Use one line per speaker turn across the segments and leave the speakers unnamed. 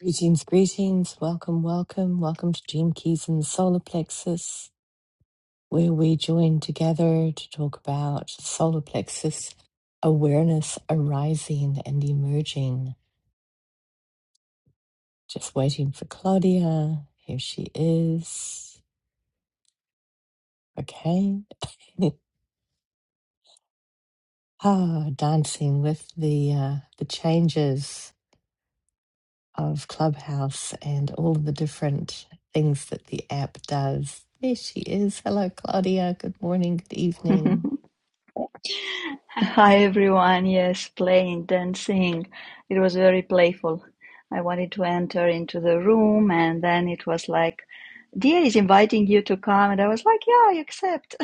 Greetings, greetings. Welcome, welcome. Welcome to Dream Keys and the Solar Plexus, where we join together to talk about solar plexus awareness arising and emerging. Just waiting for Claudia. Here she is. Okay. ah, dancing with the uh, the changes of Clubhouse and all of the different things that the app does. There she is. Hello, Claudia. Good morning. Good evening.
Hi everyone. Yes, playing, dancing. It was very playful. I wanted to enter into the room and then it was like, Dia is inviting you to come. And I was like, yeah, I accept.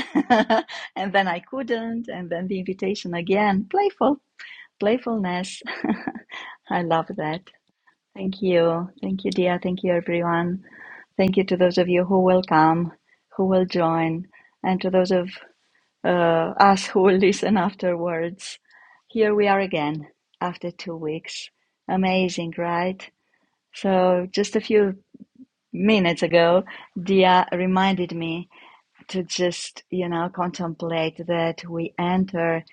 and then I couldn't. And then the invitation again. Playful, playfulness. I love that. Thank you. Thank you, Dia. Thank you, everyone. Thank you to those of you who will come, who will join, and to those of uh, us who will listen afterwards. Here we are again after two weeks. Amazing, right? So, just a few minutes ago, Dia reminded me to just, you know, contemplate that we enter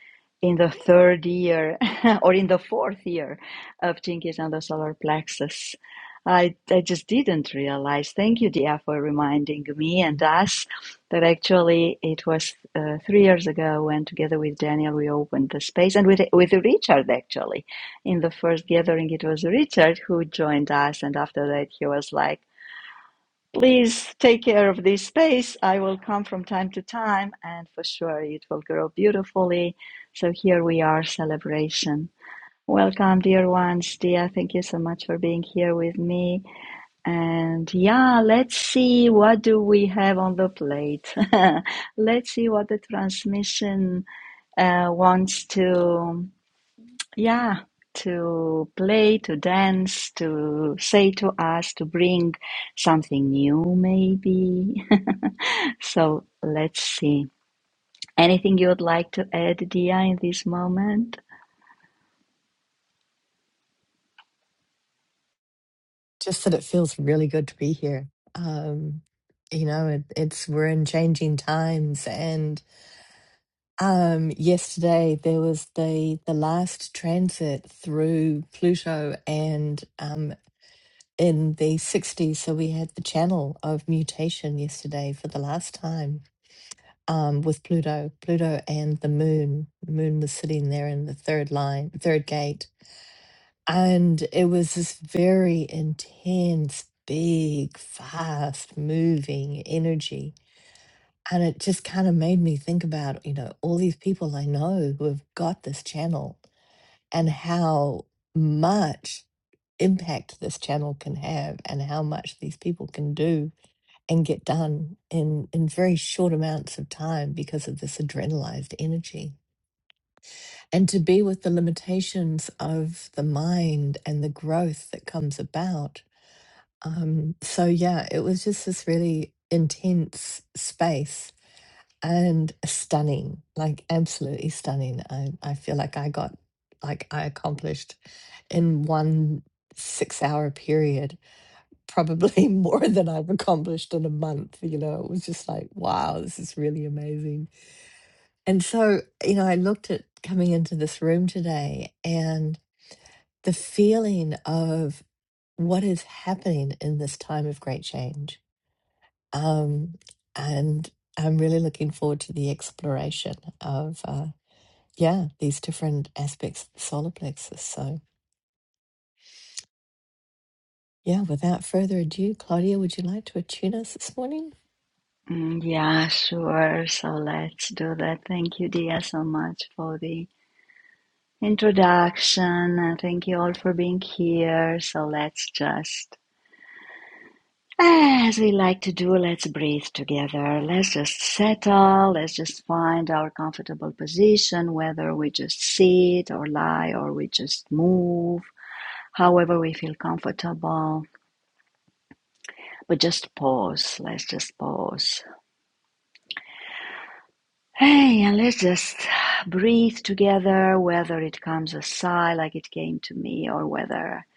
in the third year or in the fourth year of Jinkies and the solar plexus. I, I just didn't realize. Thank you, Dia, for reminding me and us that actually it was uh, three years ago when, together with Daniel, we opened the space and with, with Richard, actually. In the first gathering, it was Richard who joined us, and after that, he was like, Please take care of this space. I will come from time to time, and for sure it will grow beautifully. So here we are, celebration. Welcome, dear ones. Dia, thank you so much for being here with me. And yeah, let's see what do we have on the plate. let's see what the transmission uh, wants to. Yeah, to play, to dance, to say to us, to bring something new, maybe. So let's see. Anything you would like to add, Dia, in this moment?
just that it feels really good to be here. Um, you know, it, it's we're in changing times, and um, yesterday there was the the last transit through Pluto, and um, in the '60s, so we had the channel of mutation yesterday for the last time um, with Pluto, Pluto and the Moon. The Moon was sitting there in the third line, third gate and it was this very intense, big, fast moving energy. And it just kind of made me think about, you know, all these people I know who have got this channel and how much impact this channel can have and how much these people can do and get done in in very short amounts of time because of this adrenalized energy and to be with the limitations of the mind and the growth that comes about. Um, so, yeah, it was just this really intense space and stunning, like absolutely stunning. I, I feel like I got, like, I accomplished in one six hour period probably more than I've accomplished in a month. You know, it was just like, wow, this is really amazing. And so, you know, I looked at coming into this room today and. the feeling of what is happening in this time of great change. Um, and I'm really looking forward to the exploration of, uh, yeah, these different aspects of the solar plexus. So, yeah, without further ado, Claudia, would you like to attune us this morning?
Mm, yeah, sure. So let's do that. Thank you, Dia, so much for the introduction. And thank you all for being here. So let's just As we like to do, let's breathe together. Let's just settle. Let's just find our comfortable position, whether we just sit or lie or we just move, however we feel comfortable. But just pause. Let's just pause. Hey, and let's just breathe together, whether it comes a sigh like it came to me or whether.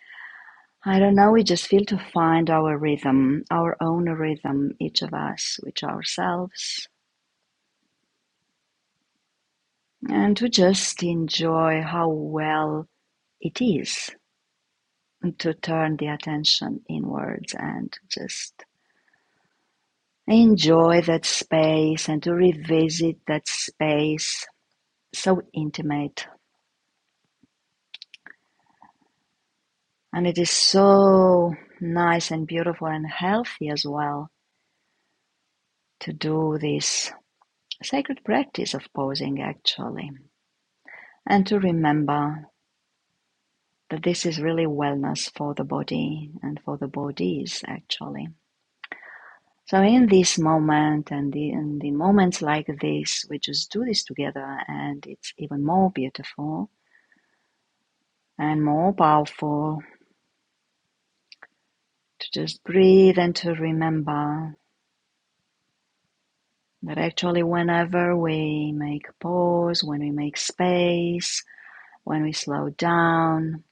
I don't know, we just feel to find our rhythm, our own rhythm, each of us, with ourselves and to just enjoy how well it is to turn the attention inwards and just enjoy that space and to revisit that space so intimate and it is so nice and beautiful and healthy as well to do this sacred practice of posing actually and to remember that this is really wellness for the body and for the bodies actually So in this moment and the, in the moments like this, we just do this together and it's even more beautiful and more powerful to just breathe and to remember that actually whenever we make pause, when we make space, when we slow down,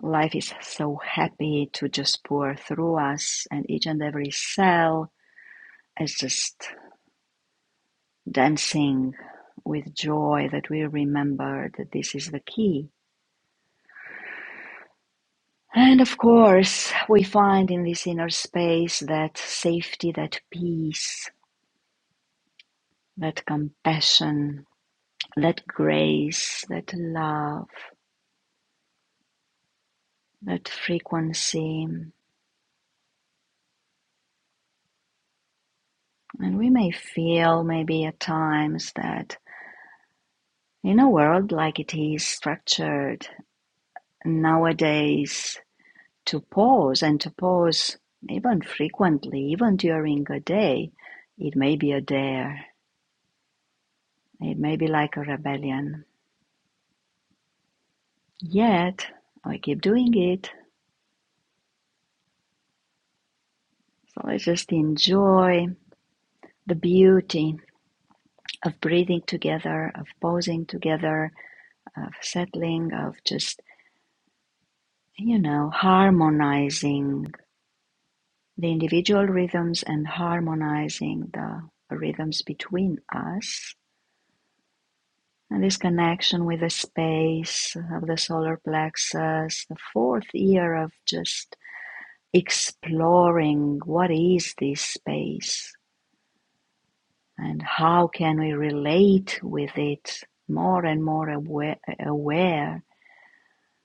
life is so happy to just pour through us and each and every cell is just dancing with joy that we remember that this is the key And of course, we find in this inner space that safety, that peace, that compassion, that grace, that love, that frequency. And we may feel maybe at times that in a world like it is structured nowadays, to pause and to pause even frequently, even during a day, it may be a dare, it may be like a rebellion Yet I keep doing it. So I just enjoy the beauty of breathing together, of pausing together, of settling, of just, you know, harmonizing the individual rhythms and harmonizing the rhythms between us. And this connection with the space of the solar plexus, the fourth year of just exploring what is this space and how can we relate with it more and more aware, aware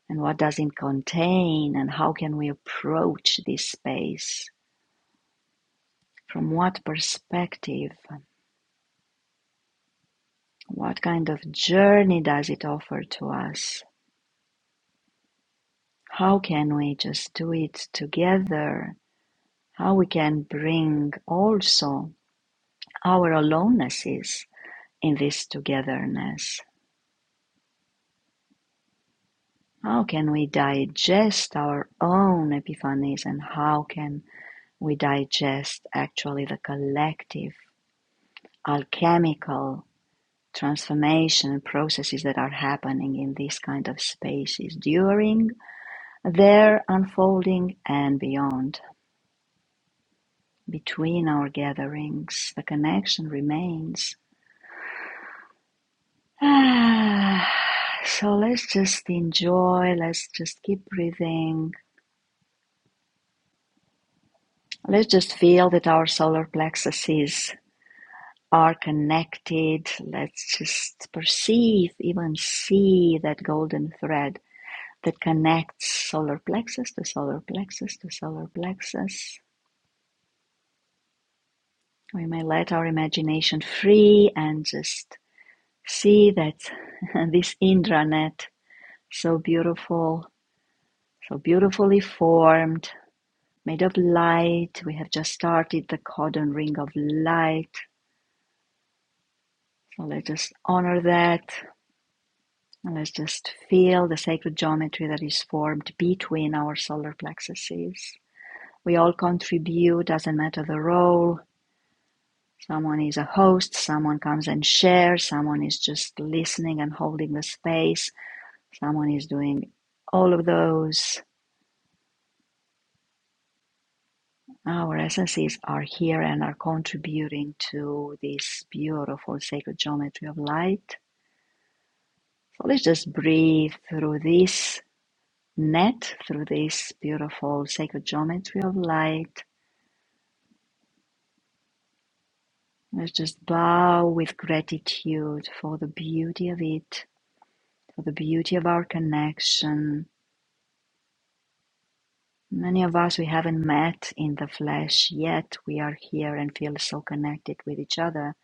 and what does it contain and how can we approach this space from what perspective what kind of journey does it offer to us how can we just do it together how we can bring also our alonenesses in this togetherness how can we digest our own epiphanies and how can We digest actually the collective alchemical transformation processes that are happening in these kind of spaces during their unfolding and beyond. Between our gatherings, the connection remains. Ah, so let's just enjoy, let's just keep breathing, let's just feel that our solar plexus is. are connected. Let's just perceive, even see that golden thread that connects solar plexus to solar plexus to solar plexus. We may let our imagination free and just see that this indranet, so beautiful, so beautifully formed, made of light. We have just started the cordon ring of light. So let's just honor that And let's just feel the sacred geometry that is formed between our solar plexuses. We all contribute, doesn't matter the role. Someone is a host, someone comes and shares, someone is just listening and holding the space, someone is doing all of those. Our essences are here and are contributing to this beautiful sacred geometry of light. So let's just breathe through this net, through this beautiful sacred geometry of light. Let's just bow with gratitude for the beauty of it, for the beauty of our connection. Many of us we haven't met in the flesh yet. We are here and feel so connected with each other.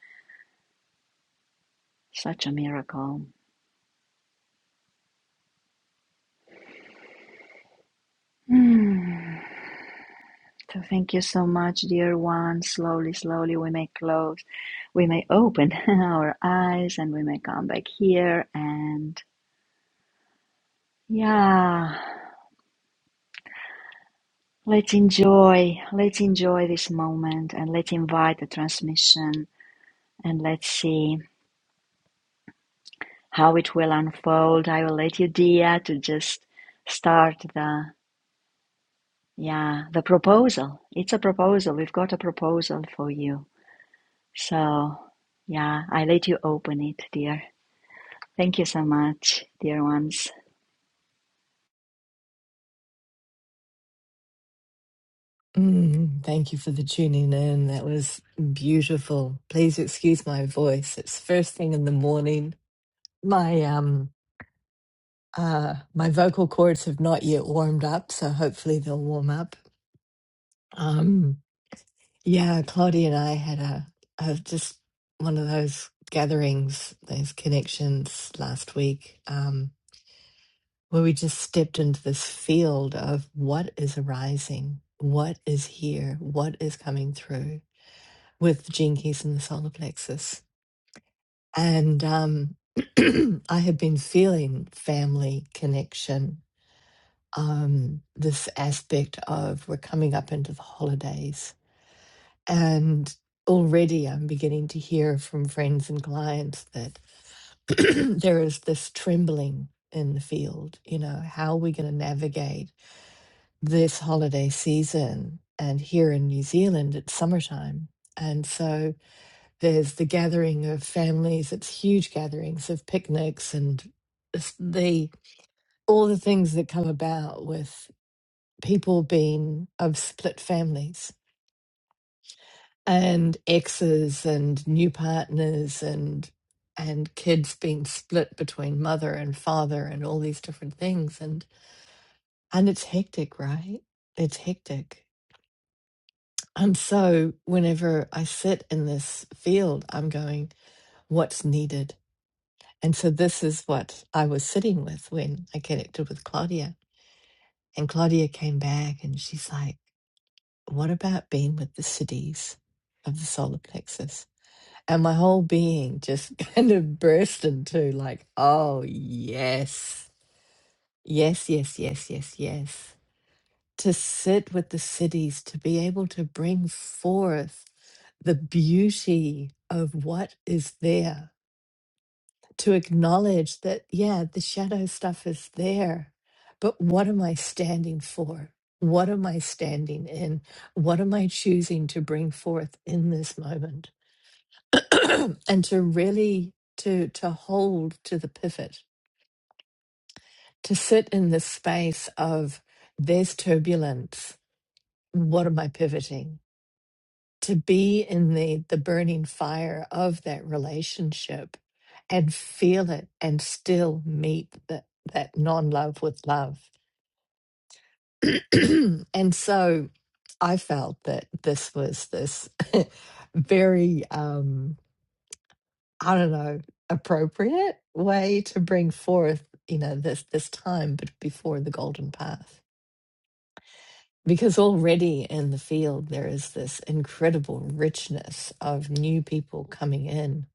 Such a miracle. Hmm. So thank you so much, dear one. Slowly, slowly we may close, we may open our eyes and we may come back here and yeah. Let's enjoy, let's enjoy this moment and let's invite the transmission and let's see how it will unfold. I will let you, Dia, to just start the, yeah, the proposal. It's a proposal. We've got a proposal for you. So, yeah, I let you open it, dear. Thank you so much, dear ones.
Mm, thank you for the tuning in. That was beautiful. Please excuse my voice. It's first thing in the morning. My um Uh, my vocal cords have not yet warmed up, so hopefully they'll warm up. Um, yeah, Claudia and I had a, a just one of those gatherings, those connections last week, um, where we just stepped into this field of what is arising, what is here, what is coming through with the gene keys and the solar plexus. And um, I had been feeling family connection um, this aspect of we're coming up into the holidays. And already I'm beginning to hear from friends and clients that there is this trembling in the field. You know, how are we going to navigate this holiday season? And here in New Zealand, it's summertime. And so there's the gathering of families, it's huge gatherings of picnics and it's the all the things that come about with people being of split families and exes and new partners and and kids being split between mother and father and all these different things and and it's hectic right it's hectic and so whenever i sit in this field i'm going what's needed and so this is what i was sitting with when i connected with claudia and claudia came back and she's like What about being with the cities of the solar plexus? And my whole being just kind of burst into like, oh, yes, yes, yes, yes, yes, yes. To sit with the cities, to be able to bring forth the beauty of what is there to acknowledge that, yeah, the shadow stuff is there, but what am I standing for? What am I standing in? What am I choosing to bring forth in this moment? and to really to to hold to the pivot, to sit in the space of there's turbulence. What am I pivoting? to be in the the burning fire of that relationship and feel it and still meet that that non-love with love and so i felt that this was this very um i don't know appropriate way to bring forth you know this this time but before the golden path Because already in the field, there is this incredible richness of new people coming in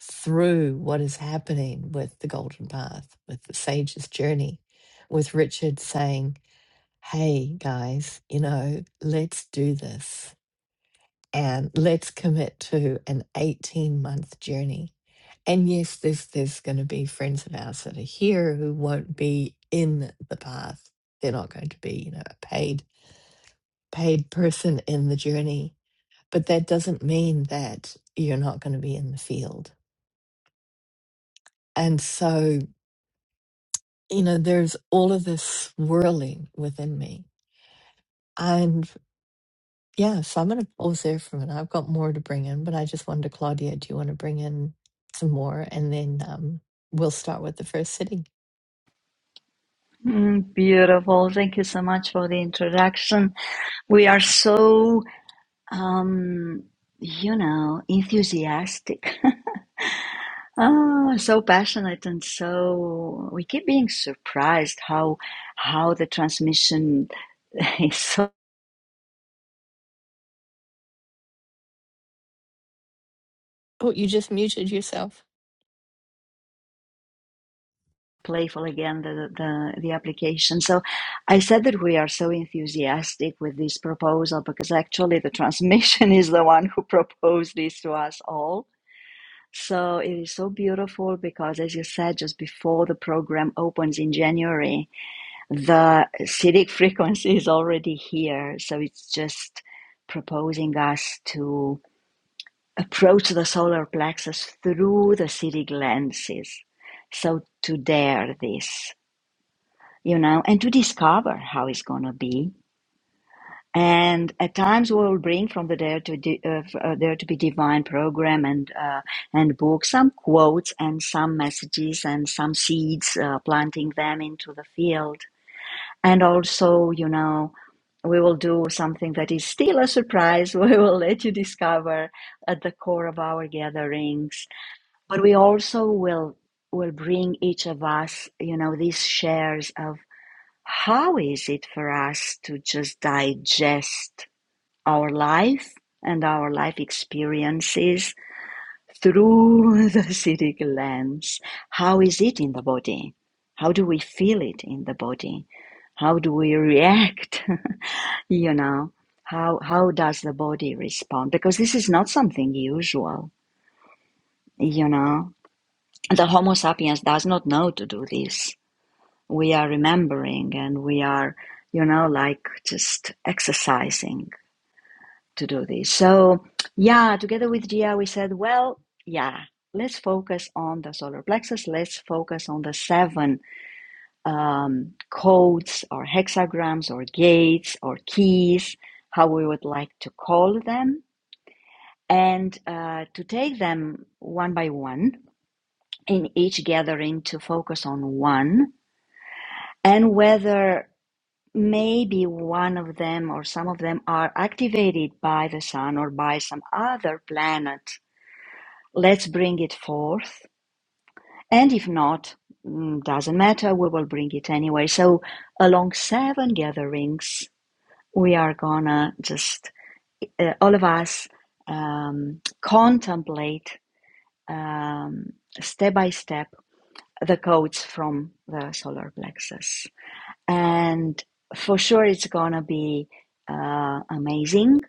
through what is happening with the Golden Path, with the Sage's journey, with Richard saying, Hey guys, you know, let's do this and let's commit to an 18 month journey. And yes, there's, there's going to be friends of ours that are here who won't be in the path. They're not going to be, you know, a paid paid person in the journey, but that doesn't mean that you're not going to be in the field. And so, you know, there's all of this swirling within me. And yeah, so I'm going to pause there for a minute. I've got more to bring in, but I just wonder, Claudia, do you want to bring in some more? And then um, we'll start with the first sitting.
Mm, beautiful. Thank you so much for the introduction. We are so um, you know, enthusiastic Ah, so passionate and so we keep being surprised how how the transmission is so
Oh, you just muted yourself.
playful again the the, the application. So I said that we are so enthusiastic with this proposal because actually the transmission is the one who proposed this to us all. So it is so beautiful because as you said just before the program opens in January, the Siddhic frequency is already here. So it's just proposing us to approach the solar plexus through the Siddhic lenses. So to dare this, you know, and to discover how it's going to be. And at times we will bring from the Dare to, Di- uh, uh, Dare to be Divine program and, uh, and book some quotes and some messages and some seeds, uh, planting them into the field And also, you know, we will do something that is still a surprise. We will let you discover at the core of our gatherings. But we also will will bring each of us, you know, these shares of how is it for us to just digest our life and our life experiences through the city lens. How is it in the body? How do we feel it in the body? How do we react? you know, how how does the body respond? Because this is not something usual. You know, the Homo sapiens does not know to do this. We are remembering and we are, you know, like just exercising to do this. So, yeah, together with Gia, we said, well, yeah, let's focus on the solar plexus. Let's focus on the seven um, codes or hexagrams or gates or keys, how we would like to call them, and uh, to take them one by one in each gathering to focus on one and whether maybe one of them or some of them are activated by the sun or by some other planet let's bring it forth. And if not, mm, doesn't matter, we will bring it anyway. So, along seven gatherings, we are gonna just, uh, all of us, um, contemplate um, step by step the codes from the solar plexus. And for sure, it's gonna be uh, amazing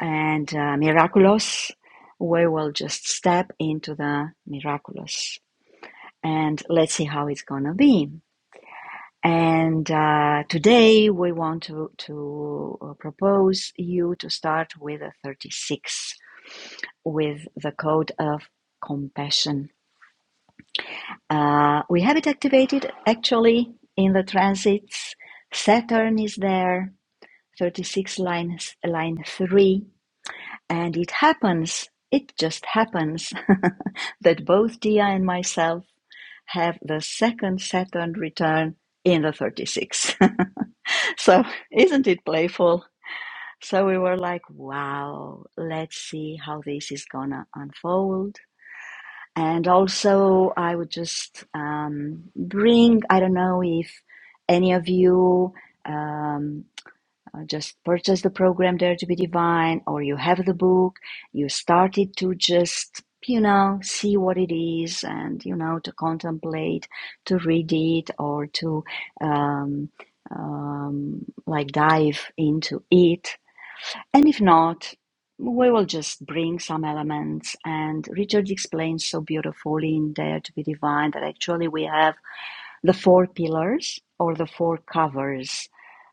and uh, miraculous. We will just step into the miraculous and let's see how it's gonna be. And uh, today we want to to uh, propose you to start with a 36 with the code of compassion. Uh, we have it activated actually in the transits. Saturn is there, 36 line line three, and it happens. It just happens that both Dia and myself have the second Saturn return in the 36. so, isn't it playful? So, we were like, wow, let's see how this is gonna unfold. And also, I would just um, bring, I don't know if any of you. Um, uh, just purchase the program Dare to be Divine, or you have the book, you started to just, you know, see what it is and, you know, to contemplate, to read it, or to um, um, like dive into it. And if not, we will just bring some elements. And Richard explains so beautifully in Dare to be Divine that actually we have the four pillars, or the four covers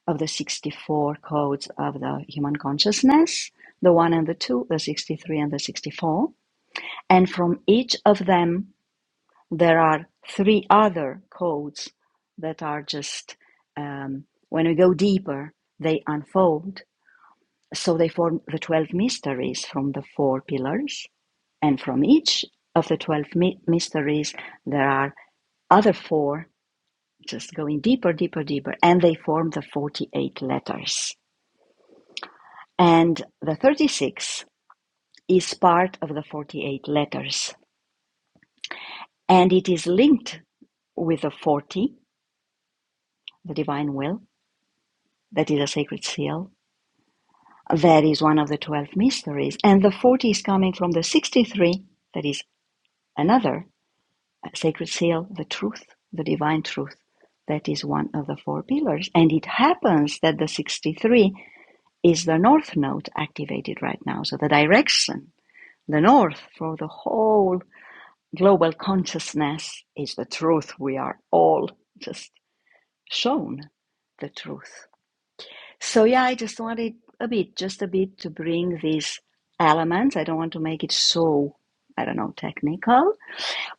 of the 64 codes of the human consciousness, the one and the two, the 63 and the 64. And from each of them, there are three other codes that are just, um, when we go deeper, they unfold. So they form the 12 mysteries from the four pillars. And from each of the 12 my- mysteries, there are other four just going deeper, deeper, deeper, and they form the 48 letters. And the 36 is part of the 48 letters, and it is linked with the 40, the divine will, that is a sacred seal. That is one of the 12 mysteries. And the 40 is coming from the 63, that is another sacred seal, the truth, the divine truth. That is one of the four pillars. And it happens that the 63 is the north node activated right now? So the direction, the north for the whole global consciousness is the truth. We are all just shown the truth. So yeah, I just wanted a bit, just a bit to bring these elements. I don't want to make it so, I don't know, technical,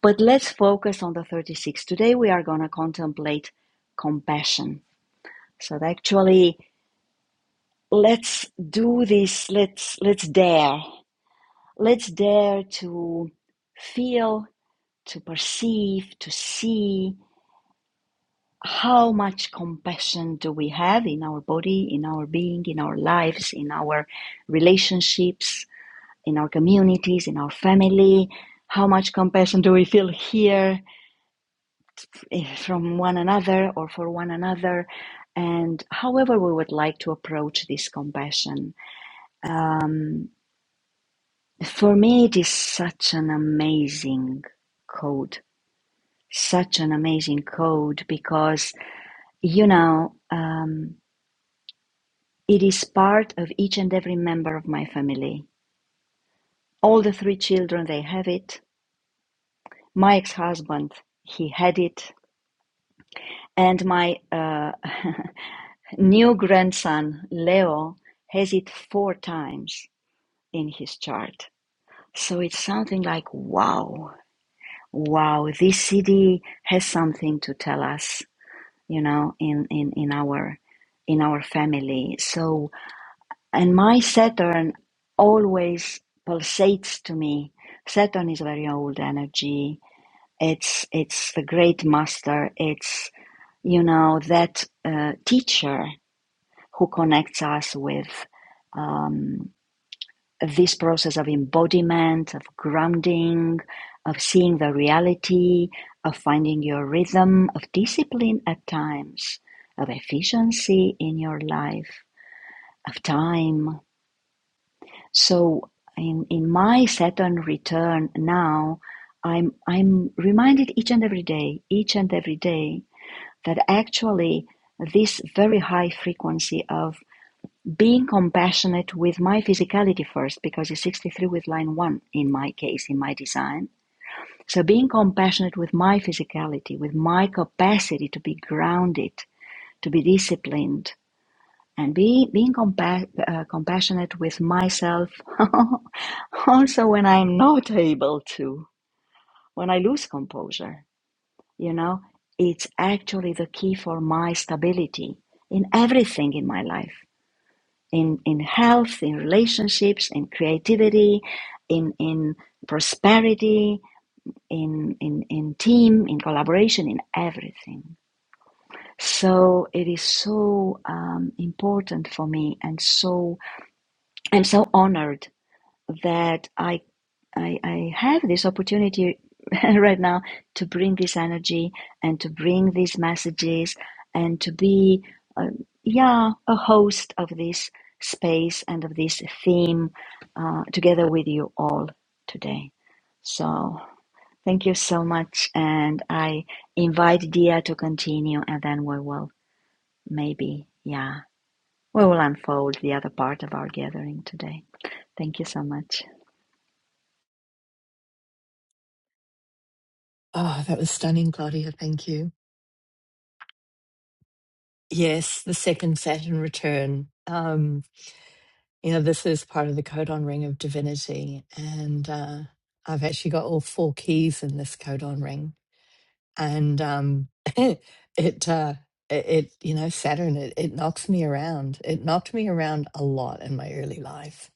but let's focus on the 36. Today we are going to contemplate compassion. So actually, let's do this. Let's let's dare Let's dare to feel, to perceive, to see how much compassion do we have in our body, in our being, in our lives, in our relationships, in our communities, in our family. How much compassion do we feel here eh, from one another or for one another? And however we would like to approach this compassion. For me, it is such an amazing code such an amazing code because, you know, um, it is part of each and every member of my family. All the three children, they have it. My ex husband, he had it. And my uh, new grandson, Leo, has it four times in his chart. So it's something like, wow, wow, this CD has something to tell us, you know, in, in, in our in our family. So And my Saturn always pulsates to me. Saturn is very old energy. It's it's the great master. It's you know that uh, teacher who connects us with um, this process of embodiment, of grounding, of seeing the reality, of finding your rhythm, of discipline at times, of efficiency in your life, of time So in in my Saturn return now, I'm I'm reminded each and every day, each and every day that actually this very high frequency of being compassionate with my physicality first, because it's 63 with line one in my case, in my design. So being compassionate with my physicality, with my capacity to be grounded, to be disciplined, and be, being compa- uh, compassionate with myself also when i'm not able to when i lose composure you know it's actually the key for my stability in everything in my life in in health in relationships in creativity in in prosperity in in in team in collaboration in everything so it is so um, important for me and so I'm so honored that I, I I have this opportunity right now to bring this energy and to bring these messages and to be uh, yeah a host of this space and of this theme uh, together with you all today. So thank you so much, and I invite Dia to continue, and then we will maybe yeah we will unfold the other part of our gathering today. Thank you so much.
Oh, that was stunning, Claudia. Thank you. Yes, the second Saturn return. Um, you know, this is part of the codon ring of divinity. And uh, I've actually got all four keys in this codon ring. And um, it, uh, it, it, you know, Saturn, it, it knocks me around. It knocked me around a lot in my early life.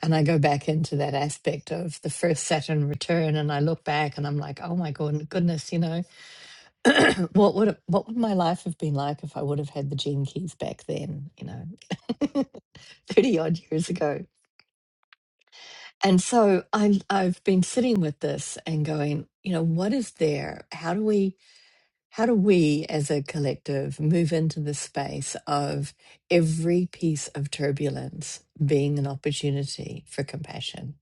And I go back into that aspect of the first Saturn return, and I look back, and I'm like, "Oh my god, goodness, you know, what would it- what would my life have been like if I would have had the gene keys back then? You know, thirty odd years ago." And so I'm I've been sitting with this and going, you know, what is there? How do we how do we as a collective move into the space of every piece of turbulence being an opportunity for compassion?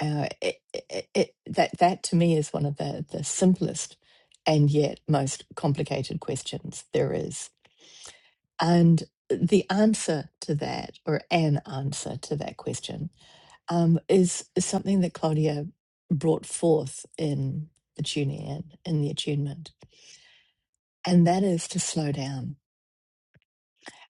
Uh, it, it, it, that that to me is one of the the simplest and yet most complicated questions there is. And the answer to that, or an answer to that question, um, is is something that Claudia brought forth in the tuning in, in the attunement, and that is to slow down.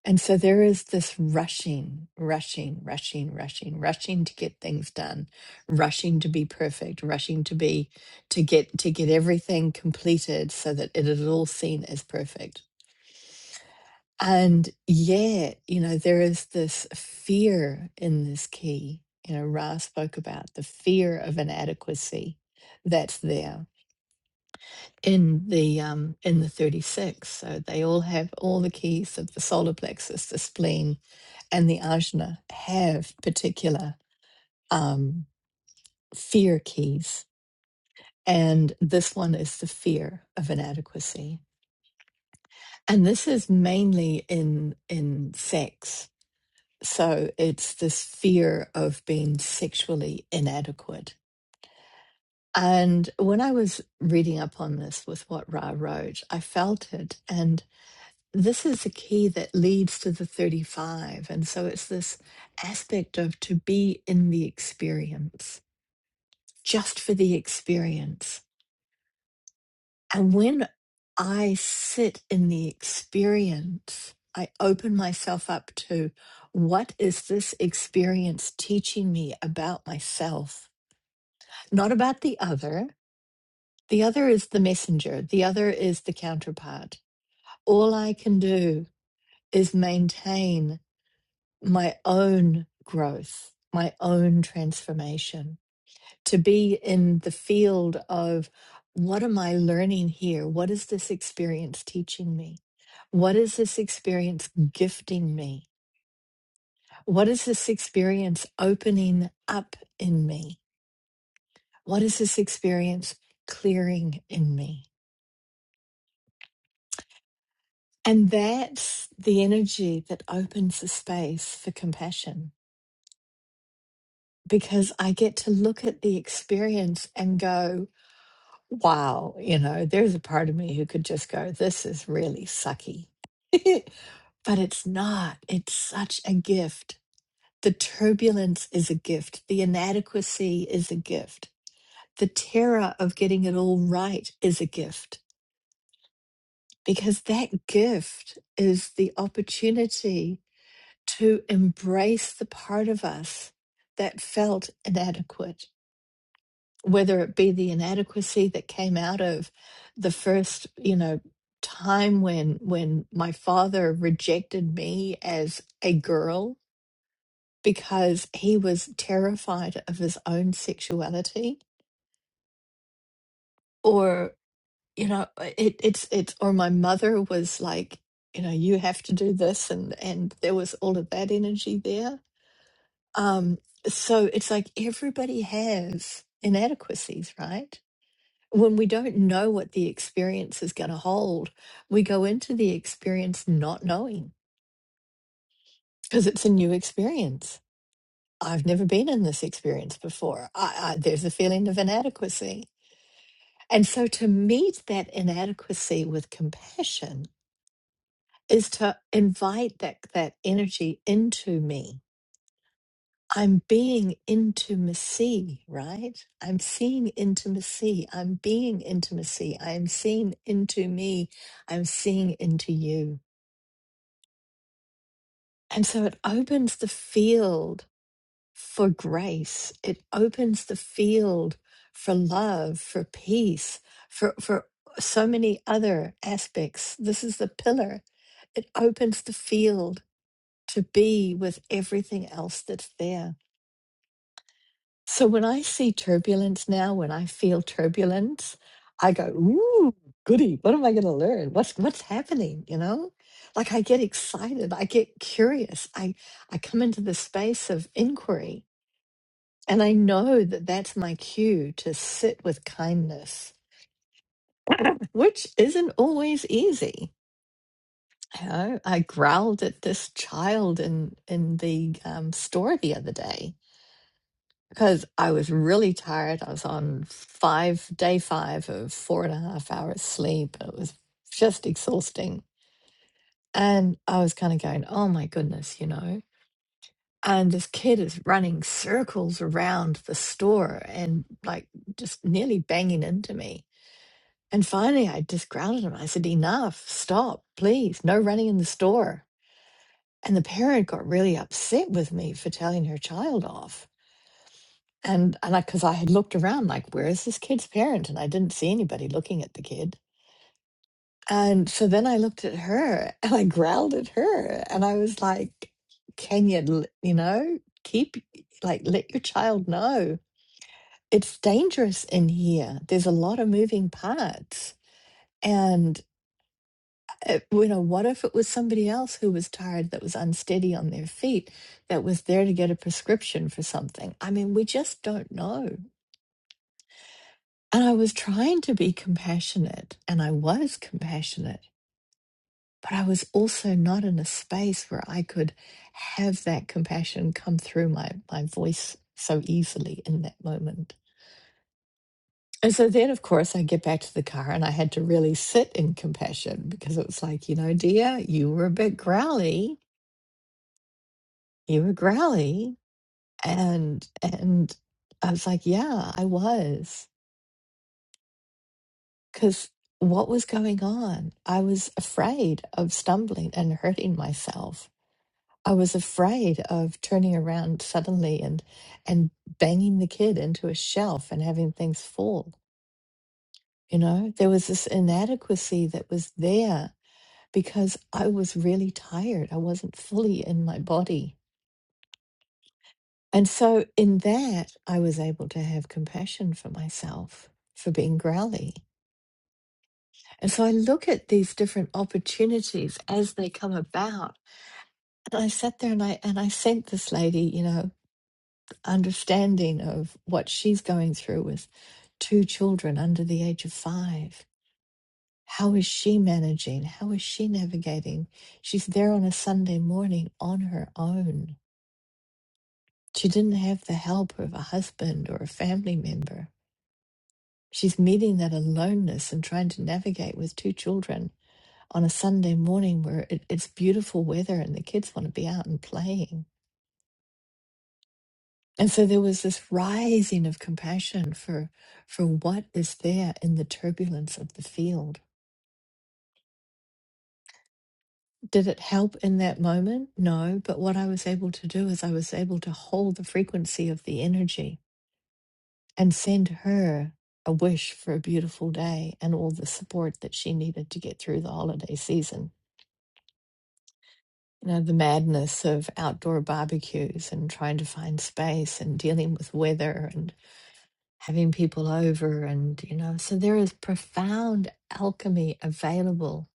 And so there is this rushing, rushing, rushing, rushing, rushing to get things done, rushing to be perfect, rushing to be to get to get everything completed so that it is all seen as perfect And yet, you know, there is this fear in this key. You know, Ra spoke about the fear of inadequacy that's there in the um in the 36 so they all have all the keys of the solar plexus the spleen and the ajna have particular um fear keys and this one is the fear of inadequacy and this is mainly in in sex So it's this fear of being sexually inadequate. And when I was reading up on this with what Ra wrote, I felt it. And this is the key that leads to the 35. And so it's this aspect of to be in the experience, just for the experience And when I sit in the experience, I open myself up to what is this experience teaching me about myself, not about the other. The other is the messenger, the other is the counterpart. All I can do is maintain my own growth, my own transformation. to be in the field of what am I learning here? What is this experience teaching me? What is this experience gifting me? What is this experience opening up in me? What is this experience clearing in me? And that's the energy that opens the space for compassion because I get to look at the experience and go, wow, you know, there's a part of me who could just go, this is really sucky. but it's not. It's such a gift. The turbulence is a gift. The inadequacy is a gift. The terror of getting it all right is a gift because that gift is the opportunity to embrace the part of us that felt inadequate whether it be the inadequacy that came out of the first you know time when when my father rejected me as a girl because he was terrified of his own sexuality or you know uh, it, it's it's or my mother was like you know you have to do this and and there was all of that energy there um so it's like everybody has inadequacies right when we don't know what the experience is going to hold, we go into the experience not knowing because it's a new experience. I've never been in this experience before. I, I, there's a feeling of inadequacy. And so to meet that inadequacy with compassion is to invite that, that energy into me I'm being intimacy, right? I'm seeing intimacy. I'm being intimacy. I am seeing into me. I'm seeing into you. And so it opens the field for grace. It opens the field for love, for peace, for, for so many other aspects. This is the pillar. It opens the field to be with everything else that's there. So when I see turbulence now, when I feel turbulence, I go, ooh, goody, what am I gonna learn? What's what's happening? You know? Like I get excited, I get curious, I I come into the space of inquiry. And I know that that's my cue to sit with kindness, which isn't always easy. You know, I growled at this child in in the um, store the other day, because I was really tired. I was on five day five of four and a half hours sleep. It was just exhausting. And I was kind of going, oh my goodness, you know. And this kid is running circles around the store and like just nearly banging into me. And finally, I just grounded him. I said, enough, stop, please, no running in the store. And the parent got really upset with me for telling her child off. And and I because I had looked around like, where is this kid's parent? And I didn't see anybody looking at the kid. And so then I looked at her and I growled at her and I was like, can you, l- you know, keep like let your child know it's dangerous in here. There's a lot of moving parts. And it, you know, what if it was somebody else who was tired, that was unsteady on their feet, that was there to get a prescription for something? I mean, we just don't know. And I was trying to be compassionate, and I was compassionate, but I was also not in a space where I could have that compassion come through my, my voice so easily in that moment. And so then, of course, I get back to the car and I had to really sit in compassion because it was like, you know, dear, you were a bit growly. You were growly. And, and I was like, yeah, I was. because what was going on? I was afraid of stumbling and hurting myself. I was afraid of turning around suddenly and and banging the kid into a shelf and having things fall. You know, there was this inadequacy that was there because I was really tired. I wasn't fully in my body. And so in that I was able to have compassion for myself for being growly And so I look at these different opportunities as they come about. And I sat there and I and I sent this lady, you know, understanding of what she's going through with two children under the age of five. How is she managing? How is she navigating? She's there on a Sunday morning on her own. She didn't have the help of a husband or a family member. She's meeting that aloneness and trying to navigate with two children on a Sunday morning where it, it's beautiful weather and the kids want to be out and playing. And so there was this rising of compassion for for what is there in the turbulence of the field. Did it help in that moment? No, but what I was able to do is I was able to hold the frequency of the energy and send her a wish for a beautiful day and all the support that she needed to get through the holiday season you know, the madness of outdoor barbecues and trying to find space and dealing with weather and having people over. And, you know, so there is profound alchemy available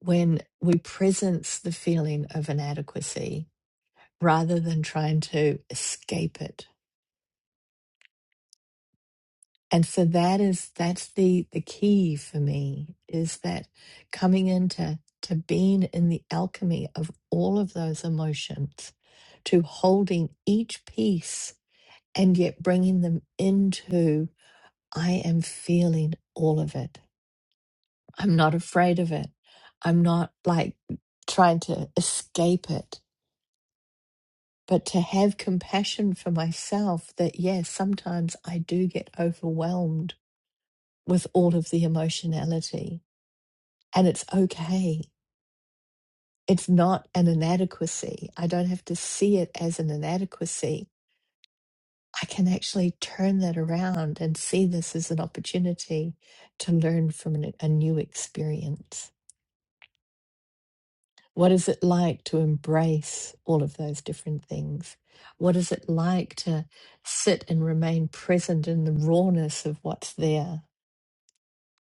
when we presence the feeling of inadequacy rather than trying to escape it. and so that is that's the the key for me is that coming into to being in the alchemy of all of those emotions to holding each piece and yet bringing them into i am feeling all of it i'm not afraid of it i'm not like trying to escape it but to have compassion for myself that yes sometimes i do get overwhelmed with all of the emotionality and it's okay. It's not an inadequacy. I don't have to see it as an inadequacy. I can actually turn that around and see this as an opportunity to learn from an, a new experience. What is it like to embrace all of those different things? What is it like to sit and remain present in the rawness of what's there?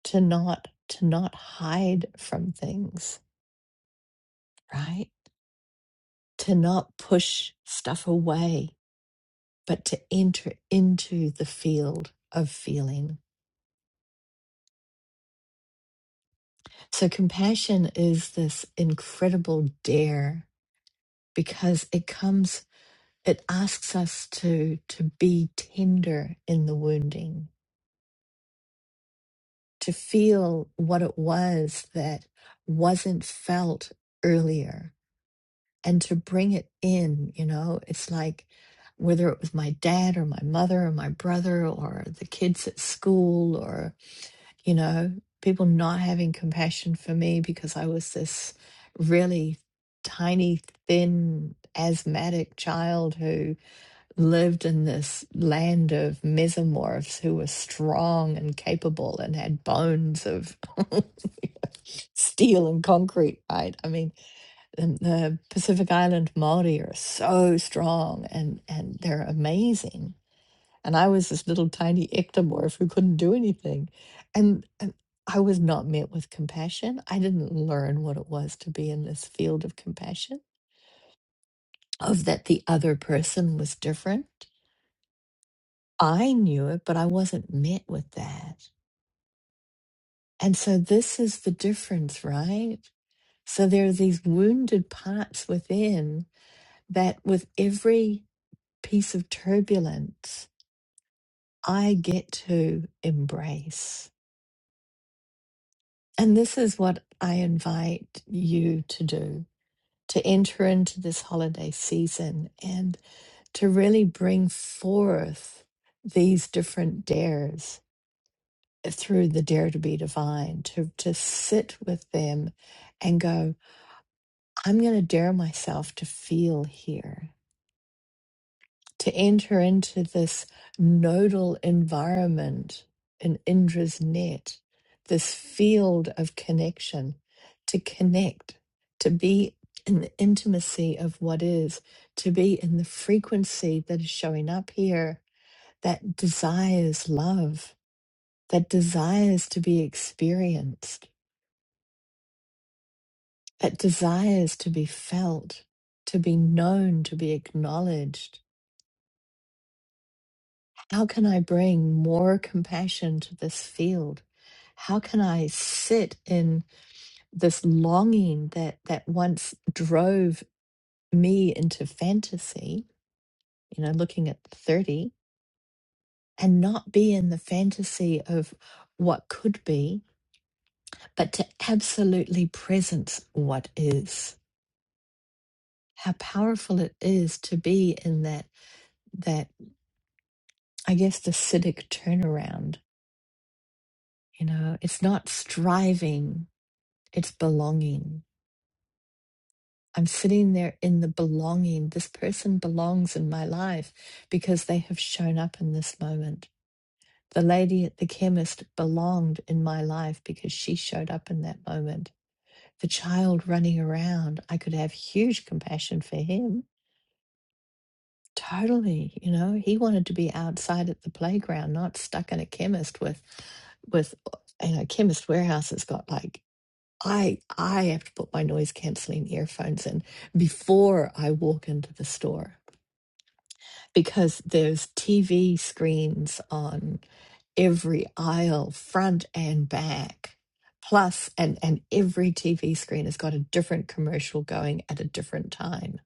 To not to not hide from things, right? To not push stuff away but to enter into the field of feeling. So compassion is this incredible dare because it comes, it asks us to, to be tender in the wounding, to feel what it was that wasn't felt earlier and to bring it in, you know, it's like, whether it was my dad or my mother or my brother or the kids at school or. you know, people not having compassion for me because I was this really tiny, thin, asthmatic child who lived in this land of mesomorphs who were strong and capable and had bones of steel and concrete, right? I mean, and the Pacific Island Maori are so strong and, and they're amazing and I was this little tiny ectomorph who couldn't do anything. And, and I was not met with compassion. I didn't learn what it was to be in this field of compassion, of that the other person was different. I knew it, but I wasn't met with that. And so this is the difference, right? So there are these wounded parts within that with every piece of turbulence, I get to embrace And this is what I invite you to do to enter into this holiday season and to really bring forth these different dares through the dare to be divine, to, to sit with them and go, I'm going to dare myself to feel here. to enter into this nodal environment in Indra's net, this field of connection, to connect, to be in the intimacy of what is, to be in the frequency that is showing up here that desires love, that desires to be experienced, that desires to be felt, to be known, to be acknowledged How can I bring more compassion to this field? How can I sit in this longing that that once drove me into fantasy, you know, looking at 30 and not be in the fantasy of what could be, but to absolutely presence what is. How powerful it is to be in that that I guess the civic turnaround, you know, it's not striving, it's belonging I'm sitting there in the belonging. This person belongs in my life because they have shown up in this moment. The lady at the chemist belonged in my life because she showed up in that moment. The child running around, I could have huge compassion for him. Totally, you know, he wanted to be outside at the playground, not stuck in a chemist with, with, you know, chemist warehouse has got like I I have to put my noise canceling earphones in before I walk into the store because there's TV screens on every aisle, front and back. Plus, and and every TV screen has got a different commercial going at a different time,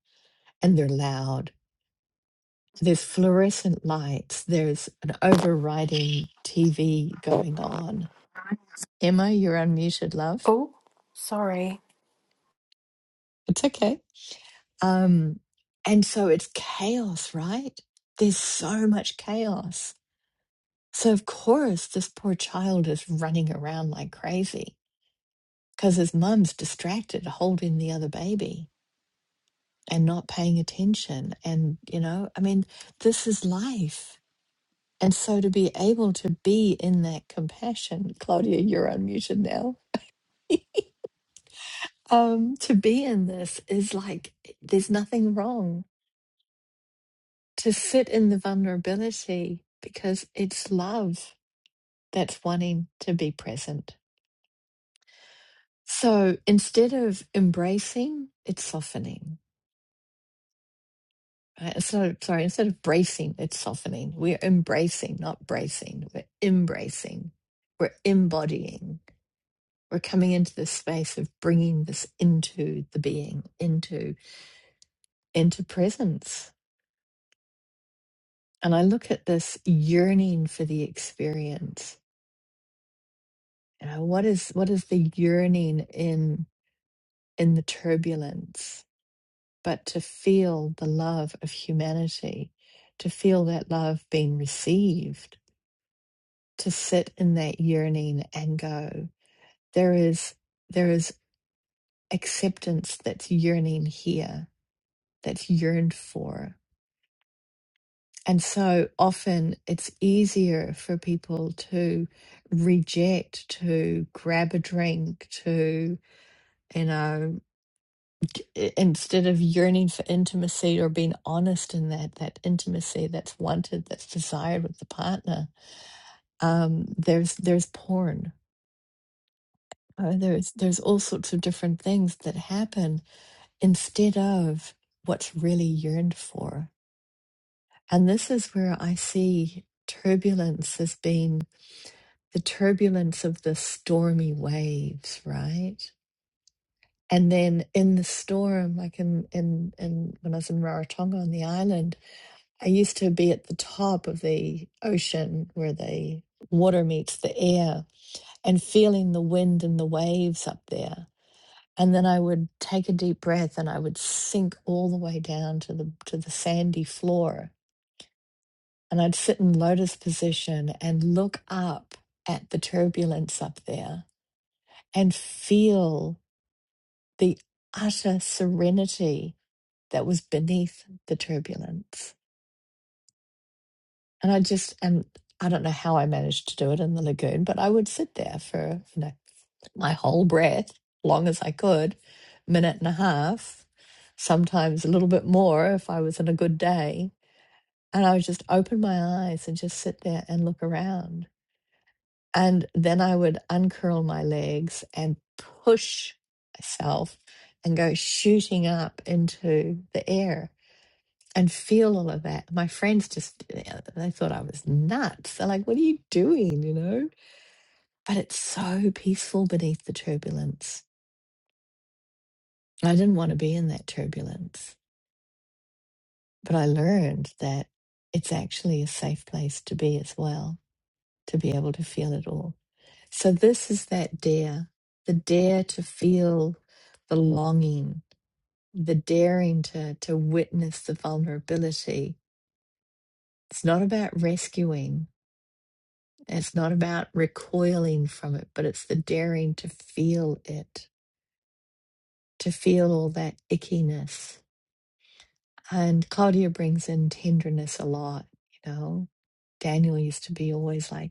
and they're loud. There's fluorescent lights. There's an overriding TV going on. Emma, you're unmuted, love.
Oh, sorry.
It's okay. Um, and so it's chaos, right? There's so much chaos. So, of course, this poor child is running around like crazy because his mum's distracted holding the other baby and not paying attention. And, you know, I mean, this is life. And so to be able to be in that compassion, Claudia, you're unmuted now. um, to be in this is like, there's nothing wrong to sit in the vulnerability because it's love that's wanting to be present. So instead of embracing, it's softening. right? So sorry, instead of bracing, it's softening. We're embracing, not bracing. We're embracing. We're embodying. We're coming into this space of bringing this into the being, into into presence. And I look at this yearning for the experience You know, what is what is the yearning in in the turbulence, but to feel the love of humanity, to feel that love being received, to sit in that yearning and go, there is there is acceptance that's yearning here, that's yearned for. And so often it's easier for people to reject, to grab a drink, to, you know. i- instead of yearning for intimacy or being honest in that that intimacy that's wanted that's desired with the partner um there's there's porn uh, there's there's all sorts of different things that happen instead of what's really yearned for and this is where i see turbulence as being the turbulence of the stormy waves, right? And then in the storm, like in in, in when I was in Rarotonga on the island, I used to be at the top of the ocean where the water meets the air and feeling the wind and the waves up there. And then I would take a deep breath and I would sink all the way down to the to the sandy floor. And I'd sit in lotus position and look up at the turbulence up there and feel the utter serenity that was beneath the turbulence. And I just, and I don't know how I managed to do it in the lagoon, but I would sit there for, you know, my whole breath, long as I could, minute and a half, sometimes a little bit more if I was in a good day. And I would just open my eyes and just sit there and look around. And then I would uncurl my legs and push myself and go shooting up into the air and feel all of that. My friends just uh, they thought I was nuts. They're like, "What are you doing?" You know. But it's so peaceful beneath the turbulence. I didn't want to be in that turbulence, but I learned that it's actually a safe place to be as well, to be able to feel it all. So this is that dare, the dare to feel the longing, the daring to to witness the vulnerability. It's not about rescuing. It's not about recoiling from it, but it's the daring to feel it, to feel all that ickiness. And Claudia brings in tenderness a lot, you know. Daniel used to be always like,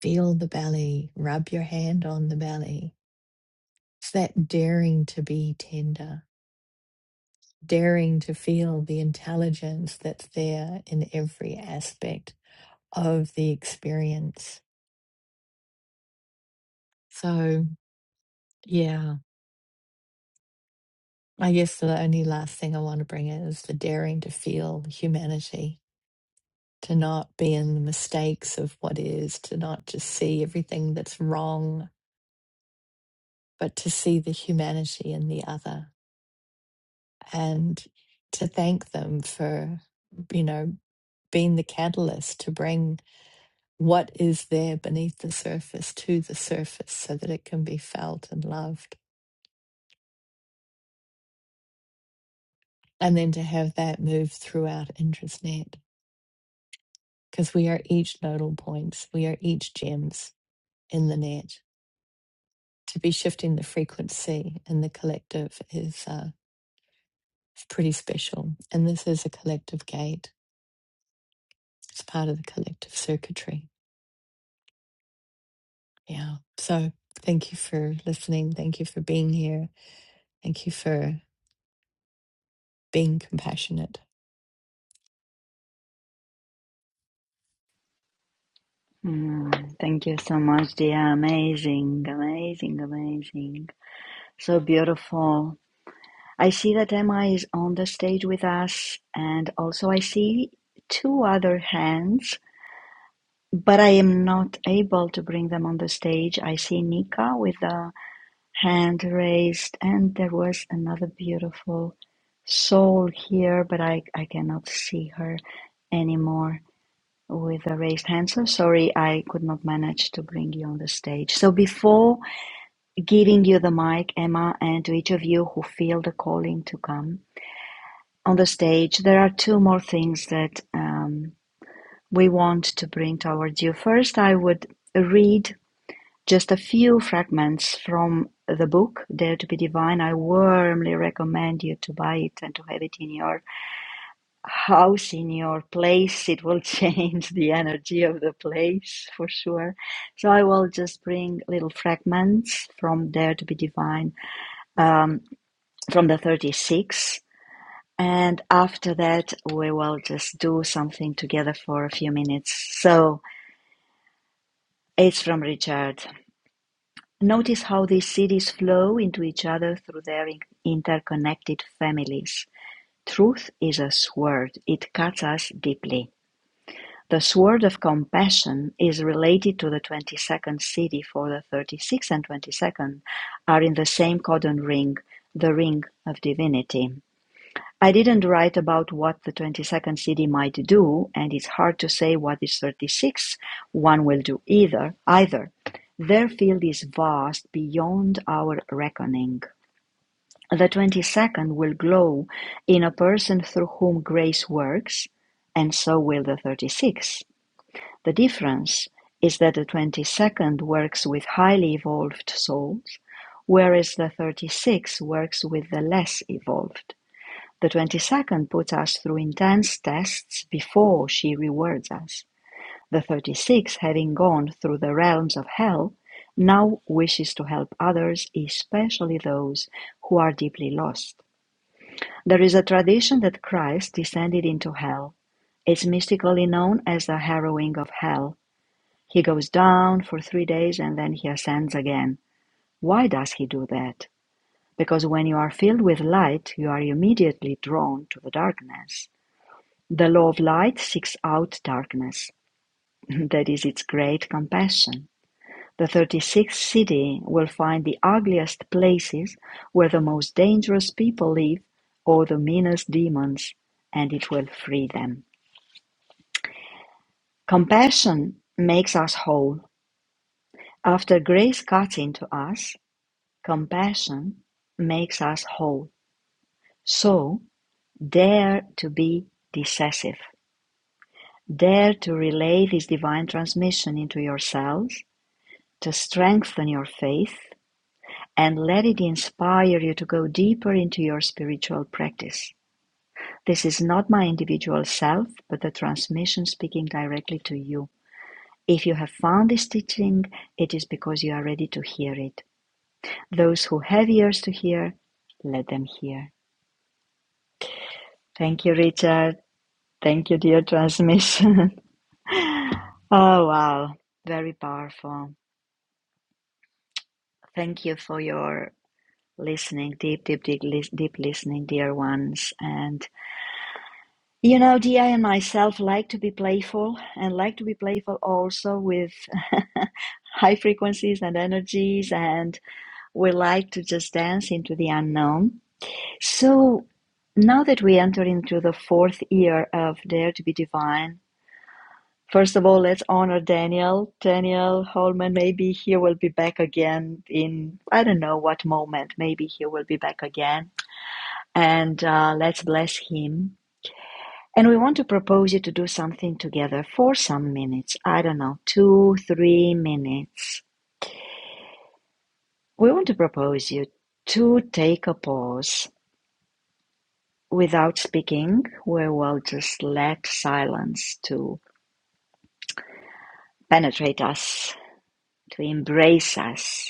feel the belly, rub your hand on the belly. It's that daring to be tender, daring to feel the intelligence that's there in every aspect of the experience. So, yeah. I guess the only last thing I want to bring in is the daring to feel humanity, to not be in the mistakes of what is, to not just see everything that's wrong, but to see the humanity in the other and to thank them for, you know, being the catalyst to bring what is there beneath the surface to the surface so that it can be felt and loved. And then to have that move throughout IndrasNet. because we are each nodal points, we are each gems in the net. To be shifting the frequency in the collective is uh, is pretty special, and this is a collective gate. It's part of the collective circuitry. Yeah. So thank you for listening. Thank you for being here. Thank you for being compassionate.
Mm, thank you so much, dear. Amazing, amazing, amazing. So beautiful. I see that Emma is on the stage with us, and also I see two other hands, but I am not able to bring them on the stage. I see Nika with a hand raised, and there was another beautiful soul here, but I, I cannot see her anymore. with a raised hand. So sorry, I could not manage to bring you on the stage. So before giving you the mic, Emma, and to each of you who feel the calling to come on the stage, there are two more things that um, we want to bring towards you. First, I would read just a few fragments from the book Dare to be Divine. I warmly recommend you to buy it and to have it in your house in your place, it will change the energy of the place for sure. So I will just bring little fragments from Dare to be Divine, um, from the 36. And after that, we will just do something together for a few minutes. So it's from Richard. Notice how these cities flow into each other through their interconnected families. Truth is a sword, it cuts us deeply. The sword of compassion is related to the twenty-second city for the thirty-sixth and twenty-second are in the same codon ring, the ring of divinity. I didn't write about what the 22nd city might do, and it's hard to say what is 36 one will do either. Either their field is vast beyond our reckoning. The 22nd will glow in a person through whom grace works, and so will the thirty-sixth. The difference is that the twenty-second works with highly evolved souls, whereas the thirty-six works with the less evolved. The twenty-second puts us through intense tests before she rewards us. The thirty-six, having gone through the realms of hell, now wishes to help others, especially those who are deeply lost. There is a tradition that Christ descended into hell. It's mystically known as the harrowing of hell he goes down for three days and then he ascends again. Why does he do that? Because when you are filled with light, you are immediately drawn to the darkness. The law of light seeks out darkness, that is its great compassion. The 36th city will find the ugliest places where the most dangerous people live or the meanest demons, and it will free them. Compassion makes us whole. After grace cuts into us, Compassion makes us whole, so dare to be decisive. Dare to relay this divine transmission into yourselves, to strengthen your faith, and let it inspire you to go deeper into your spiritual practice. This is not my individual self, but the transmission speaking directly to you. If you have found this teaching, it is because you are ready to hear it. Those who have ears to hear, let them hear. Thank you, Richard. Thank you, dear transmission. Oh, wow. Very powerful. Thank you for your listening, deep, deep, deep, lis- deep listening, dear ones. And, you know, Dia and myself like to be playful and like to be playful also with high frequencies and energies. And we like to just dance into the unknown. So now that we enter into the fourth year of Dare to be Divine, First of all, let's honor Daniel. Daniel Holman, maybe he will be back again in, I don't know what moment, maybe he will be back again. And uh, let's bless him. And we want to propose you to do something together for some minutes. I don't know, two, three minutes. We want to propose you to take a pause without speaking. We will just let silence to penetrate us, to embrace us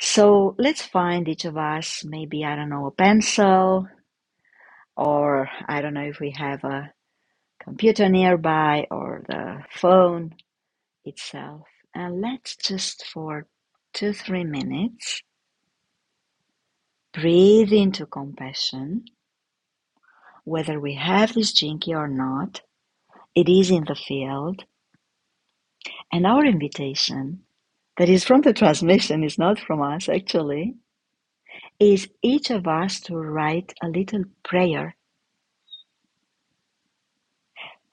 So let's find each of us, maybe, I don't know, a pencil, or I don't know if we have a computer nearby or the phone itself. And let's just for two, three minutes breathe into compassion, whether we have this jinky or not. It is in the field. And our invitation, that is from the transmission, is not from us actually, is each of us to write a little prayer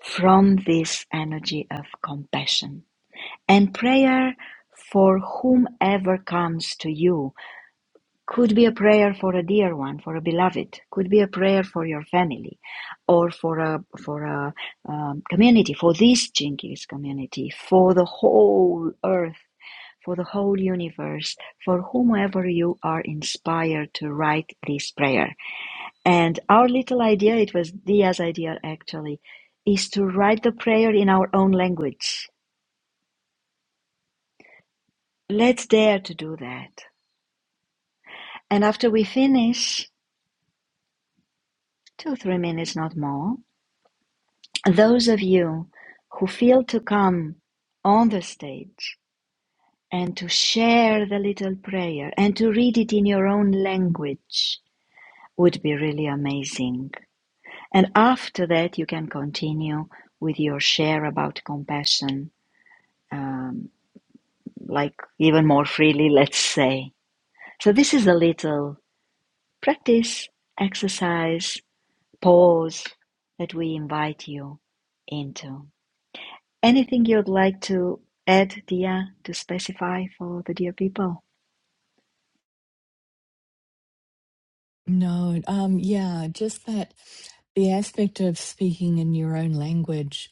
From this energy of compassion and prayer for whomever comes to you could be a prayer for a dear one, for a beloved, could be a prayer for your family, or for a for a um, community, for this Jinkies community, for the whole earth, for the whole universe, for whomever you are inspired to write this prayer. And our little idea, it was Dia's idea actually, is to write the prayer in our own language. Let's dare to do that. And after we finish, two, three minutes, not more, those of you who feel to come on the stage and to share the little prayer and to read it in your own language would be really amazing. And after that, you can continue with your share about compassion. Um, like even more freely, let's say. So, this is a little practice, exercise, pause that we invite you into. Anything you'd like to add, Dia, to specify for the dear people?
No, um, yeah, just that the aspect of speaking in your own language.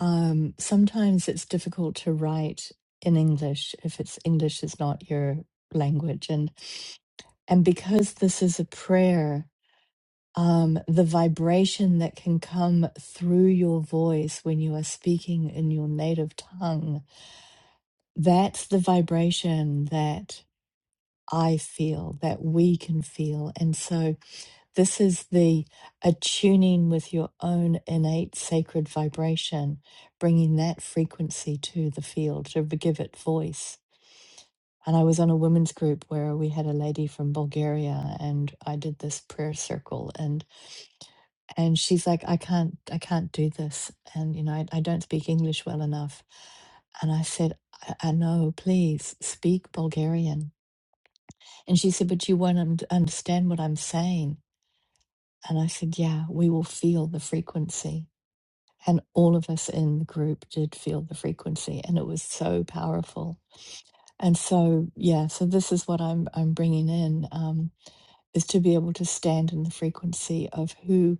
Um, sometimes it's difficult to write in English if it's English is not your language, and and because this is a prayer, um, the vibration that can come through your voice when you are speaking in your native tongue, that's the vibration that I feel, that we can feel, and so. This is the attuning with your own innate sacred vibration, bringing that frequency to the field to give it voice. And I was on a women's group where we had a lady from Bulgaria, and I did this prayer circle, and and she's like, I can't, I can't do this, and you know, I, I don't speak English well enough. And I said, I, I know, please speak Bulgarian. And she said, but you won't un- understand what I'm saying. And I said, Yeah, we will feel the frequency. And all of us in the group did feel the frequency, and it was so powerful. And so, yeah, so this is what I'm I'm bringing in um, is to be able to stand in the frequency of who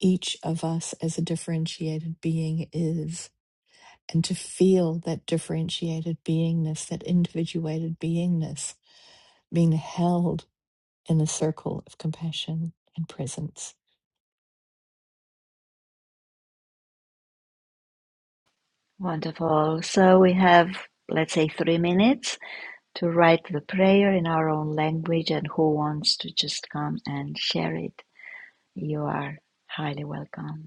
each of us as a differentiated being is, and to feel that differentiated beingness, that individuated beingness, being held in a circle of compassion and presence.
Wonderful. So, we have, let's say, three minutes to write the prayer in our own language, and who wants to just come and share it? You are highly welcome.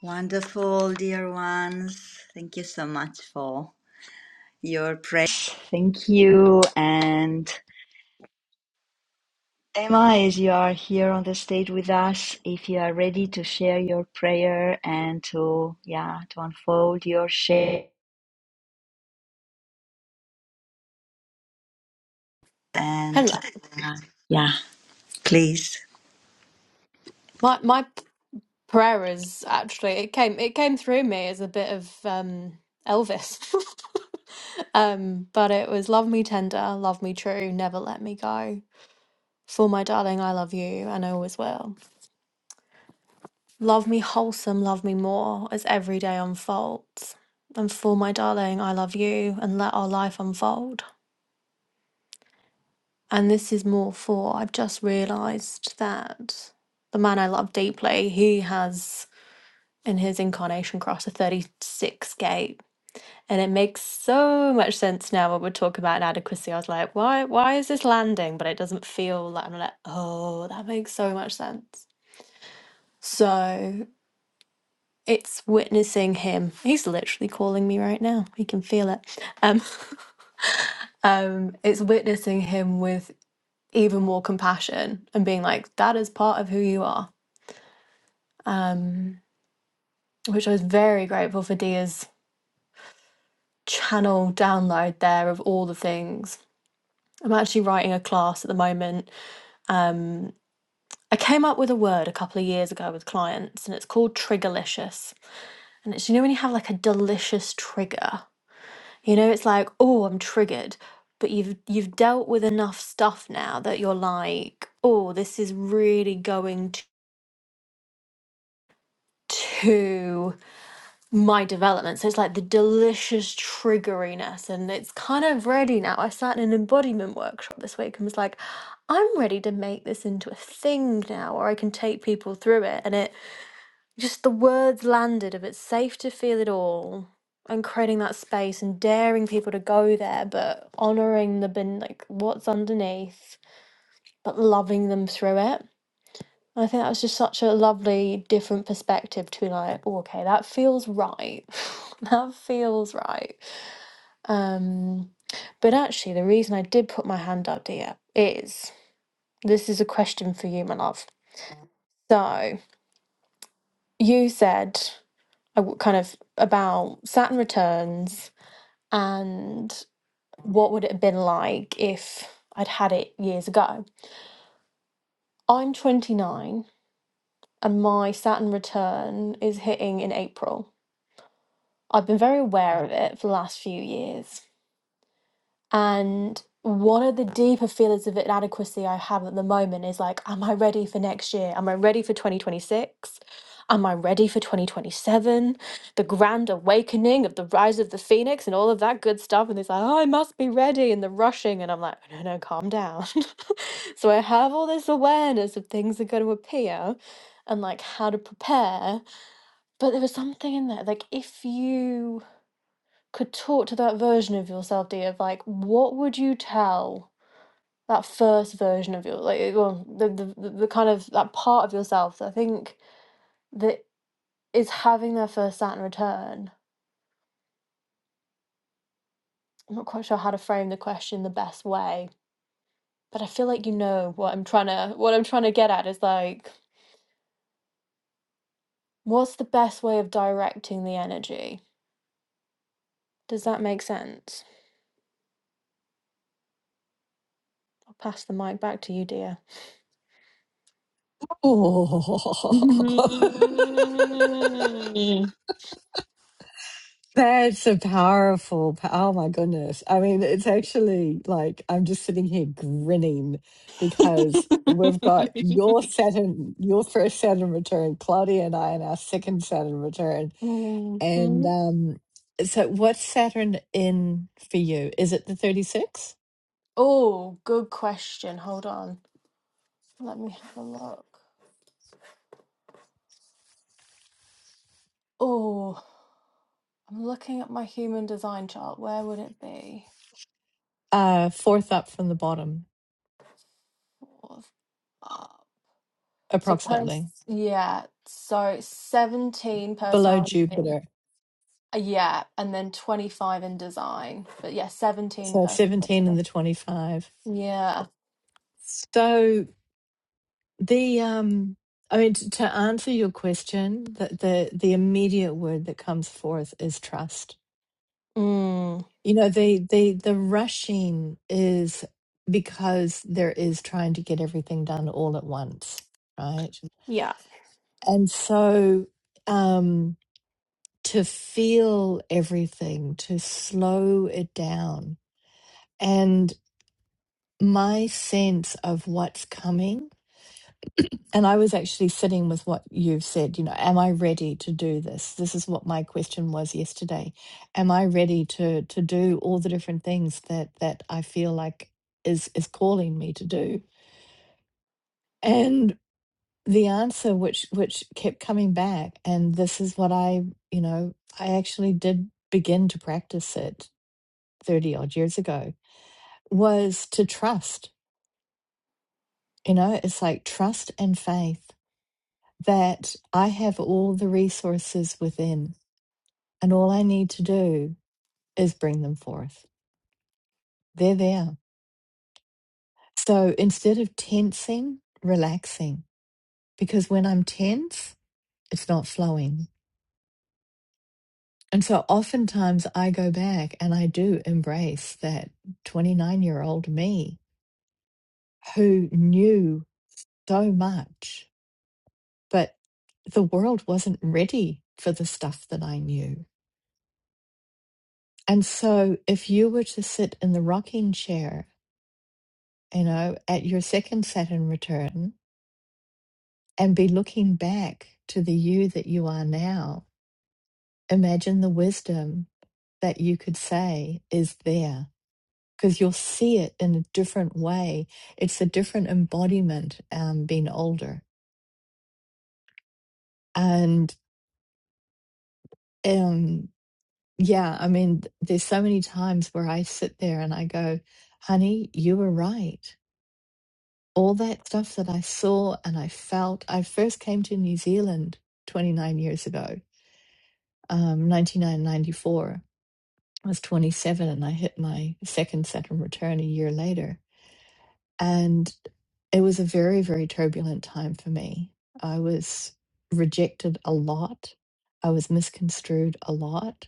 Wonderful, dear ones. Thank you so much for your prayers. Thank you. And Emma, as you are here on the stage with us, if you are ready to share your prayer and to, yeah, to unfold your share and,
Hello.
uh, yeah, please.
My my prayer is actually it came it came through me as a bit of um Elvis. um, but it was love me tender, love me true, never let me go. For my darling, I love you and I always will. Love me wholesome, love me more as every day unfolds. And for my darling, I love you and let our life unfold. And this is more for I've just realized that the man I love deeply, he has and his incarnation cross, a 36 gate. And it makes so much sense now when we talk about inadequacy. I was like, why why is this landing? But it doesn't feel like I'm like, oh, that makes so much sense. So it's witnessing him. He's literally calling me right now. He can feel it. Um, um, it's witnessing him with even more compassion and being like, that is part of who you are. Um, which I was very grateful for Dia's channel download there of all the things. I'm actually writing a class at the moment. Um, I came up with a word a couple of years ago with clients, and it's called triggerlicious. And it's you know when you have like a delicious trigger, you know it's like oh I'm triggered, but you've you've dealt with enough stuff now that you're like oh this is really going to my development. So it's like the delicious triggeriness, and it's kind of ready now. I sat in an embodiment workshop this week and was like, I'm ready to make this into a thing now, or I can take people through it. And it just the words landed of it's safe to feel it all and creating that space and daring people to go there, but honoring the bin, like what's underneath, but loving them through it. I think that was just such a lovely, different perspective to be like, oh, okay, that feels right. that feels right. Um, but actually, the reason I did put my hand up, dear, is this is a question for you, my love. So you said I w- kind of about Saturn returns and what would it have been like if I'd had it years ago. I'm 29 and my Saturn return is hitting in April. I've been very aware of it for the last few years. And one of the deeper feelings of inadequacy I have at the moment is like, am I ready for next year? Am I ready for 2026? Am I ready for 2027? The grand awakening of the rise of the phoenix and all of that good stuff. And it's like, oh, I must be ready. And the rushing. And I'm like, no, no, calm down. so I have all this awareness of things that are going to appear and like how to prepare. But there was something in there. Like, if you could talk to that version of yourself, dear, of like, what would you tell that first version of your, like, well, the, the, the the kind of that part of yourself that I think that is having their first Saturn return? I'm not quite sure how to frame the question the best way, but I feel like you know what I'm trying to, what I'm trying to get at is like, what's the best way of directing the energy? Does that make sense? I'll pass the mic back to you, dear.
Oh, That's a powerful, po- oh my goodness. I mean, it's actually like I'm just sitting here grinning because we've got your Saturn, your first Saturn return, Claudia and I, and our second Saturn return.
hmm
And um, so what's Saturn in for you? Is it the 36?
Oh, good question. Hold on. Let me have a look. Oh, I'm looking at my human design chart. Where would it be?
Uh, fourth up from the bottom,
Fourth up. So,
approximately,
pers- yeah. So, it's 17
below
personality.
Jupiter.
Uh, Yeah. And then 25 in design. But yeah, 17
So 17 and
personality.
the 25.
Yeah.
So. The um, I mean, to, to answer your question, the, the the immediate word that comes forth is trust.
Mm.
You know, the the the rushing is because there is trying to get everything done all at once, right?
Yeah.
And so, um, to feel everything, to slow it down, and my sense of what's coming And I was actually sitting with what you've said, you know, am I ready to do this? This is what my question was yesterday. Am I ready to to do all the different things that that I feel like is is calling me to do? And the answer which which kept coming back and this is what I, you know, I actually did begin to practice it 30 odd years ago was to trust. You know, it's like trust and faith that I have all the resources within And all I need to do is bring them forth. They're there. So instead of tensing, relaxing, because when I'm tense, it's not flowing. And so oftentimes I go back and I do embrace that 29 year old me who knew so much, but the world wasn't ready for the stuff that I knew. And so if you were to sit in the rocking chair, you know, at your second Saturn return and be looking back to the you that you are now, imagine the wisdom that you could say is there because you'll see it in a different way. It's a different embodiment um, being older. And um, yeah, I mean, there's so many times where I sit there and I go, honey, you were right. All that stuff that I saw and I felt, I first came to New Zealand 29 years ago, um, 1994 I was 27 and I hit my second Saturn return a year later. And it was a very, very turbulent time for me. I was rejected a lot, I was misconstrued a lot.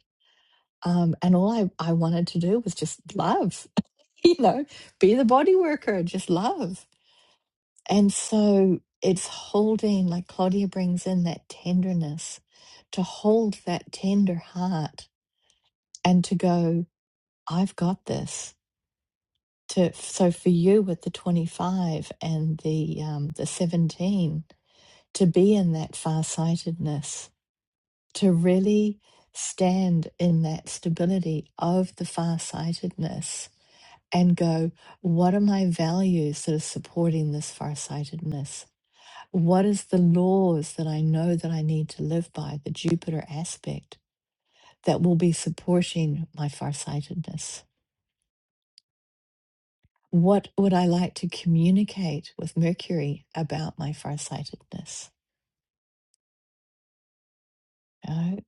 Um, and all I, I wanted to do was just love, you know, be the body worker, just love. And so it's holding, like Claudia brings in that tenderness, to hold that tender heart and to go, I've got this. to so for you with the 25 and the um, the 17 to be in that farsightedness to really stand in that stability of the farsightedness and go what are my values that are supporting this farsightedness what is the laws that i know that i need to live by the jupiter aspect that will be supporting my farsightedness what would I like to communicate with Mercury about my farsightedness? You know?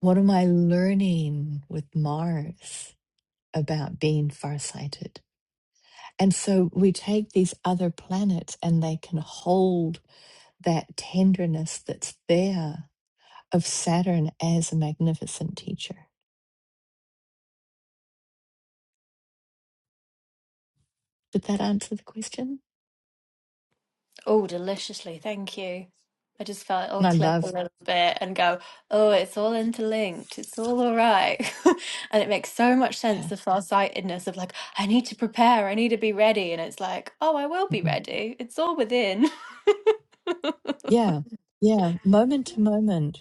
What am I learning with Mars about being farsighted? And so we take these other planets and they can hold that tenderness that's there of Saturn as a magnificent teacher. Did that answer the question?
Oh, deliciously. Thank you. I just felt it all
And I
clip a
love,
little bit and go, oh, it's all interlinked. It's all all right. And it makes so much sense,
yeah,
the far-sightedness of like, I need to prepare, I need to be ready. And it's like, oh, I will be
mm-mm.
ready. It's all within.
yeah, yeah, moment to moment.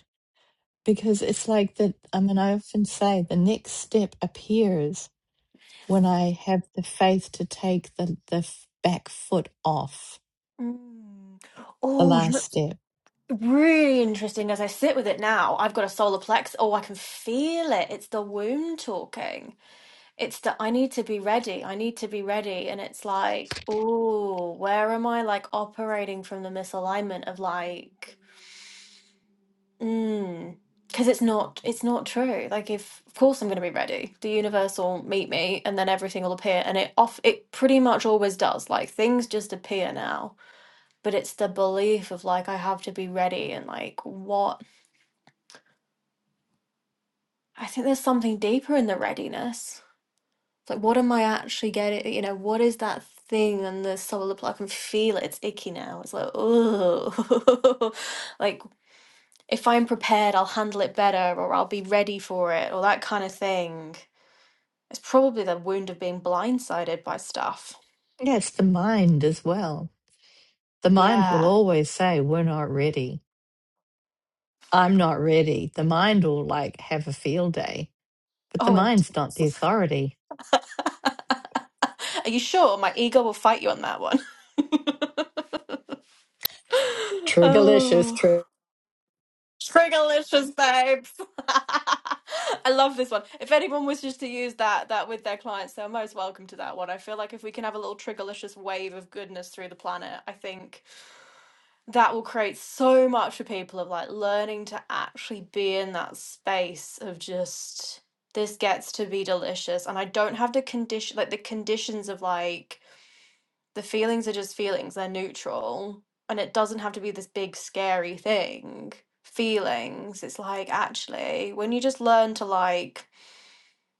because it's like that. I mean, I often say the next step appears when I have the faith to take the, the f- back foot off
Mm.
the
Oh, you know
last
what's
step.
really interesting. As I sit with it now, I've got a solar plex. Oh, I can feel it. It's the womb talking. It's that I need to be ready. I need to be ready. And it's like, oh, where am I like operating from the misalignment of like, mm, because it's not, it's not true. Like, if, of course I'm going to be ready. The universe will meet me and then everything will appear. And it off, it pretty much always does. Like, things just appear now. But it's the belief of like, I have to be ready and like, what? I think there's something deeper in the readiness. It's like, what am I actually getting? You know, what is that thing on the sole of the pl- I can feel it. It's icky now. It's like, oh, like if I'm prepared, I'll handle it better or I'll be ready for it or that kind of thing. It's probably the wound of being blindsided by stuff.
Yeah, it's the mind as well. The mind will
Yeah.
always say, We're not ready. I'm not ready. The mind will like have a field day, but the
Oh, and
mind's not the authority.
are you sure? My ego will fight you on that one.
Triggerlicious,
Oh.
trigger.
Triggerlicious babes. I love this one. If anyone wishes to use that that with their clients, they're most welcome to that one. I feel like if we can have a little triggerlicious wave of goodness through the planet, I think that will create so much for people of like learning to actually be in that space of just this gets to be delicious and I don't have to condition like the conditions of like the feelings are just feelings, they're neutral, and it doesn't have to be this big scary thing. Feelings, it's like actually, when you just learn to like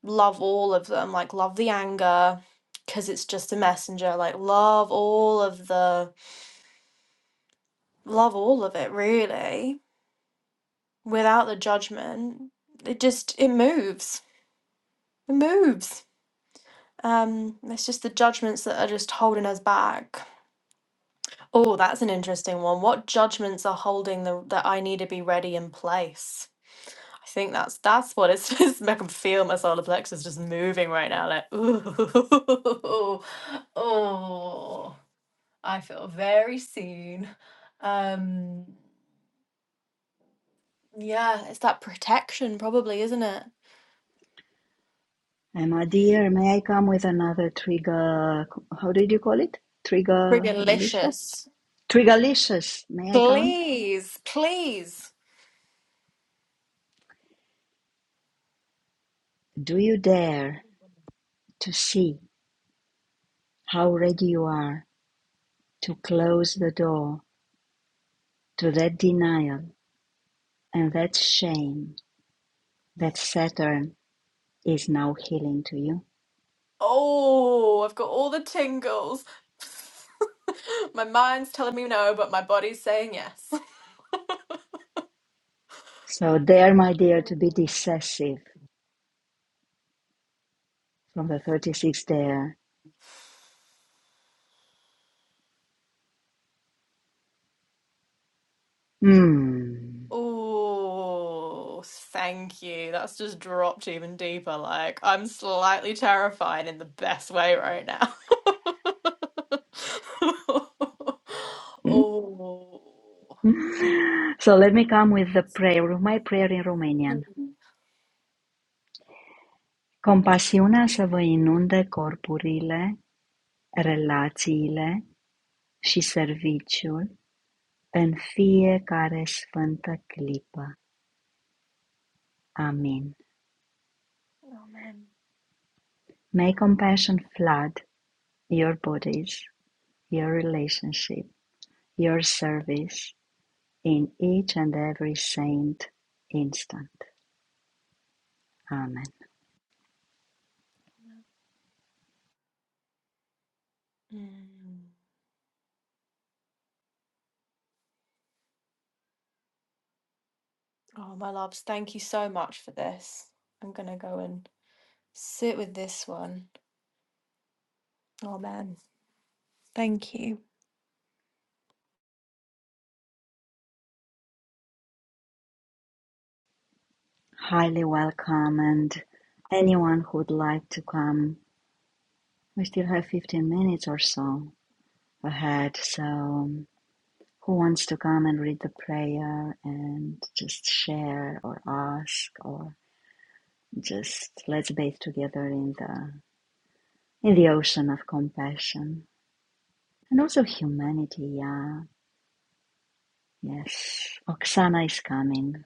love all of them, like love the anger because it's just a messenger, like love all of the love all of it really without the judgment. It just it moves. It moves. Um, it's just the judgments that are just holding us back. Oh, that's an interesting one. What judgments are holding the, that I need to be ready in place? I think that's that's what it's, it's I can feel my solar plexus just moving right now. Like, ooh, oh, I feel very seen. Um, yeah, it's that protection, probably, isn't it?
Emma, dear, may I come with another trigger? How did you call it? Trigger Lisa?
Frigalicious.
May I come?
Please, please.
Do you dare to see? How ready you are to close the door to that denial and that shame that Saturn is now healing to you.
Oh, I've got all the tingles. my mind's telling me no, but my body's saying yes.
So dare, my dear, to be decisive from the 36th dare. Hmm.
Oh, thank you. That's just dropped even deeper. Like, I'm slightly terrified in the best way right now. Oh.
So let me come with the prayer, my prayer in Romanian.
Mm.
Compasiunea să vă inunde corpurile, relațiile și serviciul în fiecare sfântă clipă. Amin.
Oh, man.
May compassion flood your bodies, your relationship, your service in each and every saint instant. Amen.
Mm. Oh, my loves, thank you so much for this. I'm gonna go and sit with this one. Oh, man. Thank you.
Highly welcome, and anyone who would like to come, we still have 15 minutes or so ahead. So, um, who wants to come and read the prayer and just share or ask or just let's bathe together in the in the ocean of compassion. And also humanity, yeah. Yes. Oksana is coming.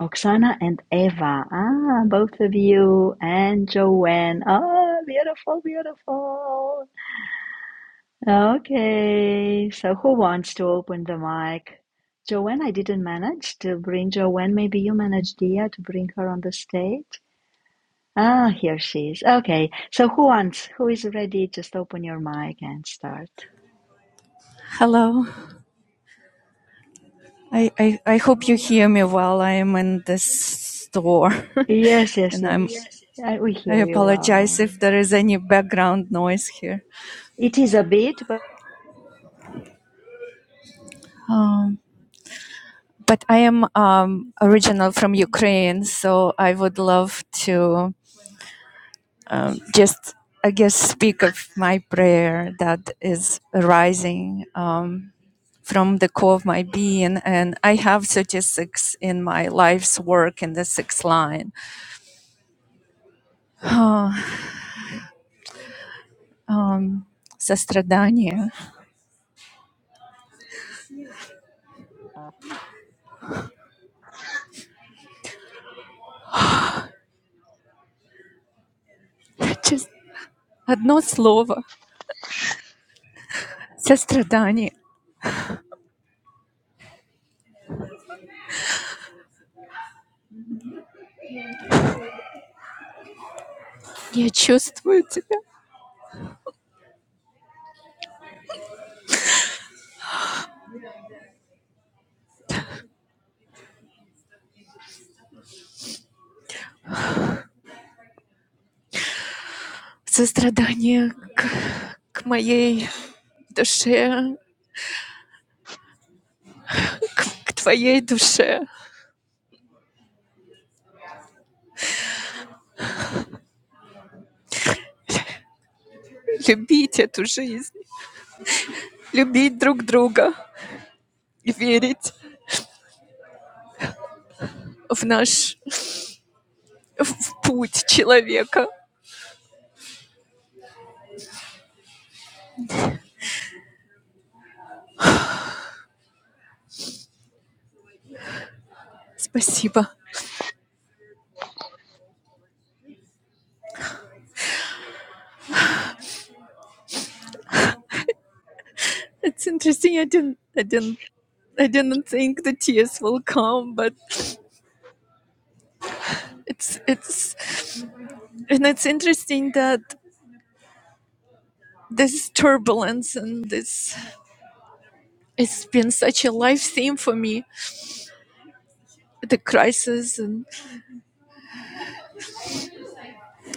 Oksana and Eva. Ah, both of you and Joanne. Ah, beautiful, beautiful. Okay. So who wants to open the mic? Joanne, I didn't manage to bring Joanne. Maybe you managed Dia to bring her on the stage. Ah, here she is. Okay. So who wants? Who is ready? Just open your mic and start.
Hello. I, I, I hope you hear me while I am in this store.
Yes, yes,
and I'm,
yes. I, we
I
hear you
apologize
well.
if there is any background noise here.
It is a bit, but
Um, but I am um, original from Ukraine, so I would love to just, I guess, speak of my prayer that is arising uh, from the core of my being. And I have 36 in my life's work in the sixth line. Um, сострадание. Just One word, suffering. I feel you, suffering, to my soul, to your soul. Love this life. Love each other. Believe in our path as a human. Thank you. It's interesting. I didn't. I didn't. I didn't think the tears will come, but it's. It's. And it's interesting that this turbulence and this. it's been such a life theme for me the crisis and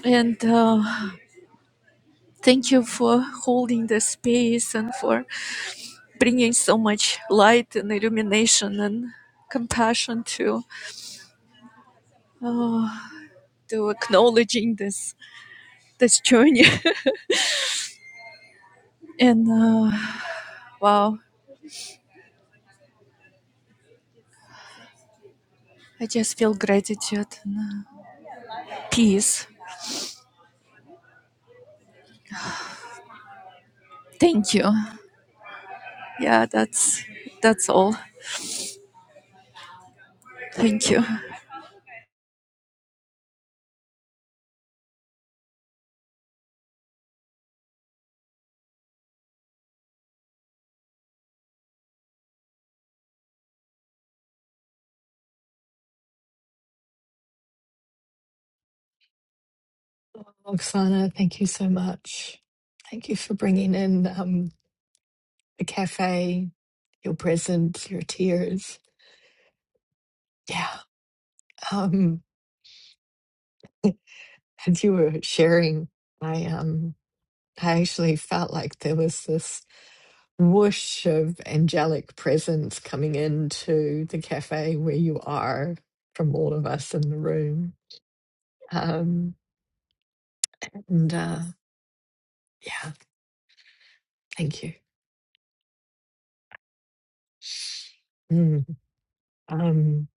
and uh, thank you for holding the space and for bringing so much light and illumination and compassion to uh, to acknowledging this this journey and uh, wow i just feel gratitude and uh, peace thank you yeah that's that's all thank you
Oksana, thank you so much. Thank you for bringing in um, the cafe, your present, your tears. Yeah. Um, as you were sharing, I um, I actually felt like there was this whoosh of angelic presence coming into the cafe where you are from all of us in the room. Um, and uh, yeah, thank you. Mm, um,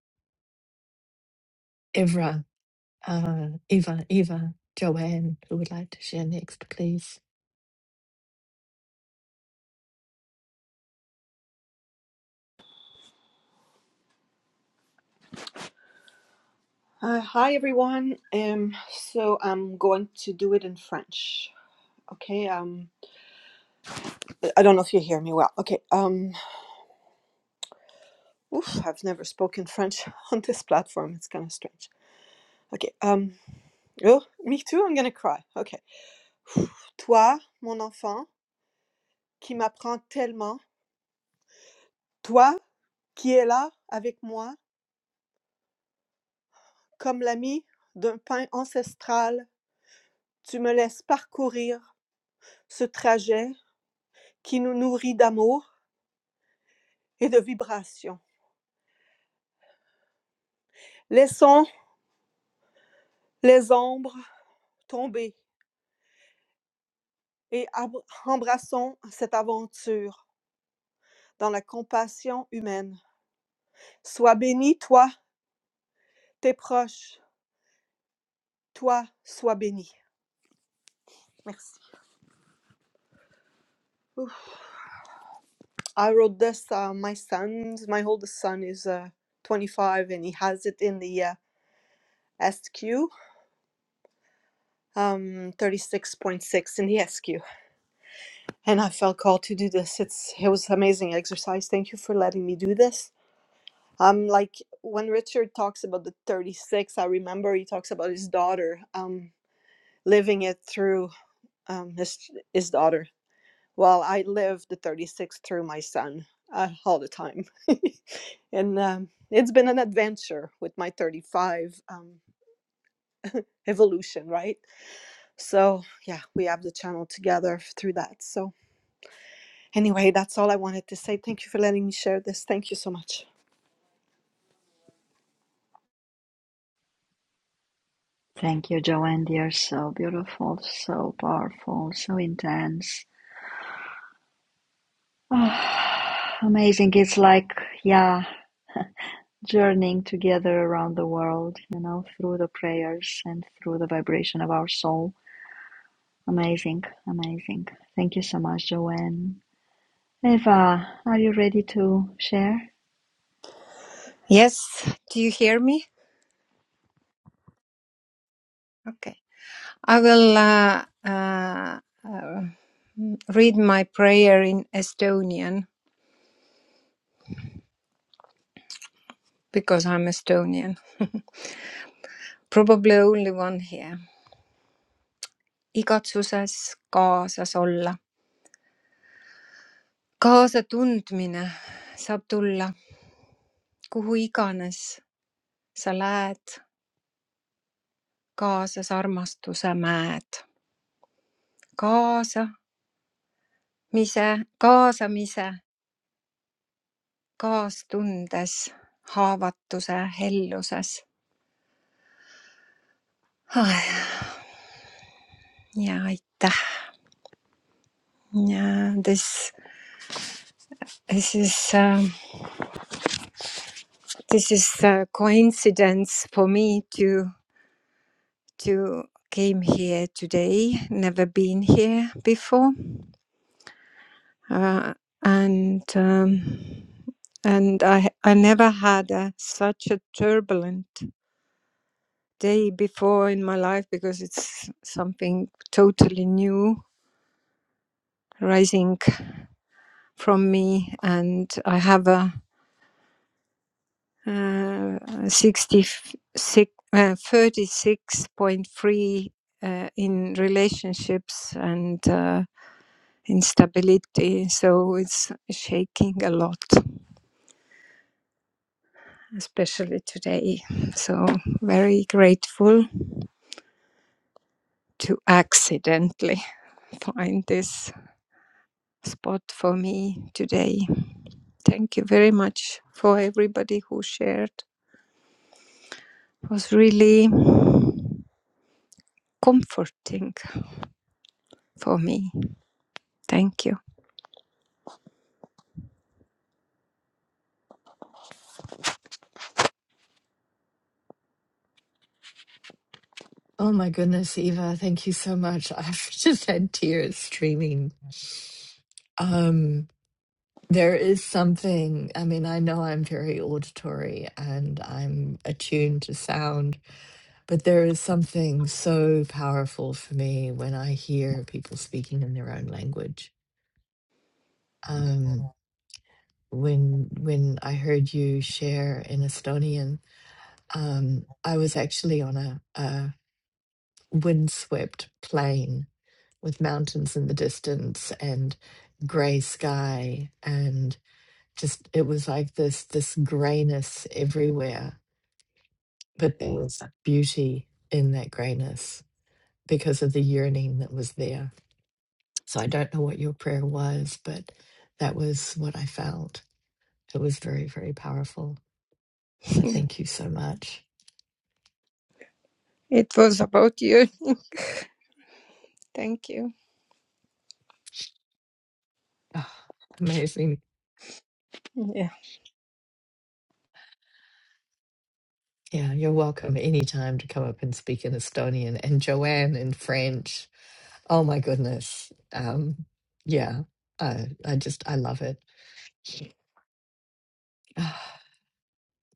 Evra, uh, Eva, Eva, Joanne, who would like to share next, please?
Uh, hi everyone. Um, so I'm going to do it in French. Okay. Um, I don't know if you hear me well. Okay. Um, oof, I've never spoken French on this platform. It's kind of strange. Okay. Um, oh, me too. I'm gonna cry. Okay. Toi, mon enfant, qui m'apprends tellement. Toi, qui es là avec moi, comme l'ami d'un pain ancestral, tu me laisses parcourir ce trajet qui nous nourrit d'amour et de vibrations. Laissons les ombres tomber et ab- embrassons cette aventure dans la compassion humaine. Sois béni, toi, tes proches, toi, sois béni. Merci. Oof. I wrote this. Uh, my son's, my oldest son is uh, 25 and he has it in the uh, SQ, um, 36.6 in the SQ. And I felt called to do this. It's it was amazing exercise. Thank you for letting me do this. Um, like when Richard talks about the 36, I remember he talks about his daughter, um, living it through um, his, his daughter. Well, I live the 36 through my son uh, all the time. and um, it's been an adventure with my 35 um, evolution, right? So, yeah, we have the channel together through that. So, anyway, that's all I wanted to say. Thank you for letting me share this. Thank you so much.
thank you, Joanne. They are so beautiful, so powerful, so intense. Ah, amazing. It's like, yeah, journeying together around the world, you know, through the prayers and through the vibration of our soul. Amazing, amazing. Thank you so much, Joanne. Eva, are you ready to share?
Yes, do you hear me? Okay. I will uh, uh, uh, read my prayer in Estonian because I'm Estonian. Probably only one here. igatsuses kaasas olla. kaasatundmine saab tulla kuhu iganes sa lähed, kaasas armastuse mäed. kaasamise, kaasamise kaastundes, haavatuse helluses. ja aitäh. Yeah, this this is uh, this is a coincidence for me to to came here today. Never been here before, uh, and um, and I I never had a, such a turbulent day before in my life because it's something totally new, rising. from me, and I have a, uh uh, 36.3 uh, in relationships and uh, instability. So it's shaking a lot, especially today. So very grateful to accidentally find this spot for me today. Thank you very much for everybody who shared. It was really comforting for me. Thank you.
Oh my goodness, Eva, thank you so much. I've just had tears streaming. Um, There is something, I mean, I know I'm very auditory and I'm attuned to sound, but there is something so powerful for me when I hear people speaking in their own language. Um, when when I heard you share in Estonian, um, I was actually on a, a windswept plain with mountains in the distance and gray sky and. just it was like this this grayness everywhere but there was beauty in that grayness because of the yearning that was there so i don't know what your prayer was but that was what i felt it was very very powerful so thank you so much
It was about you. Thank you.
Ah, amazing
Yeah.
yeah you're welcome anytime to come up and speak in estonian and joanne in french oh my goodness um yeah i i just i love it Ah.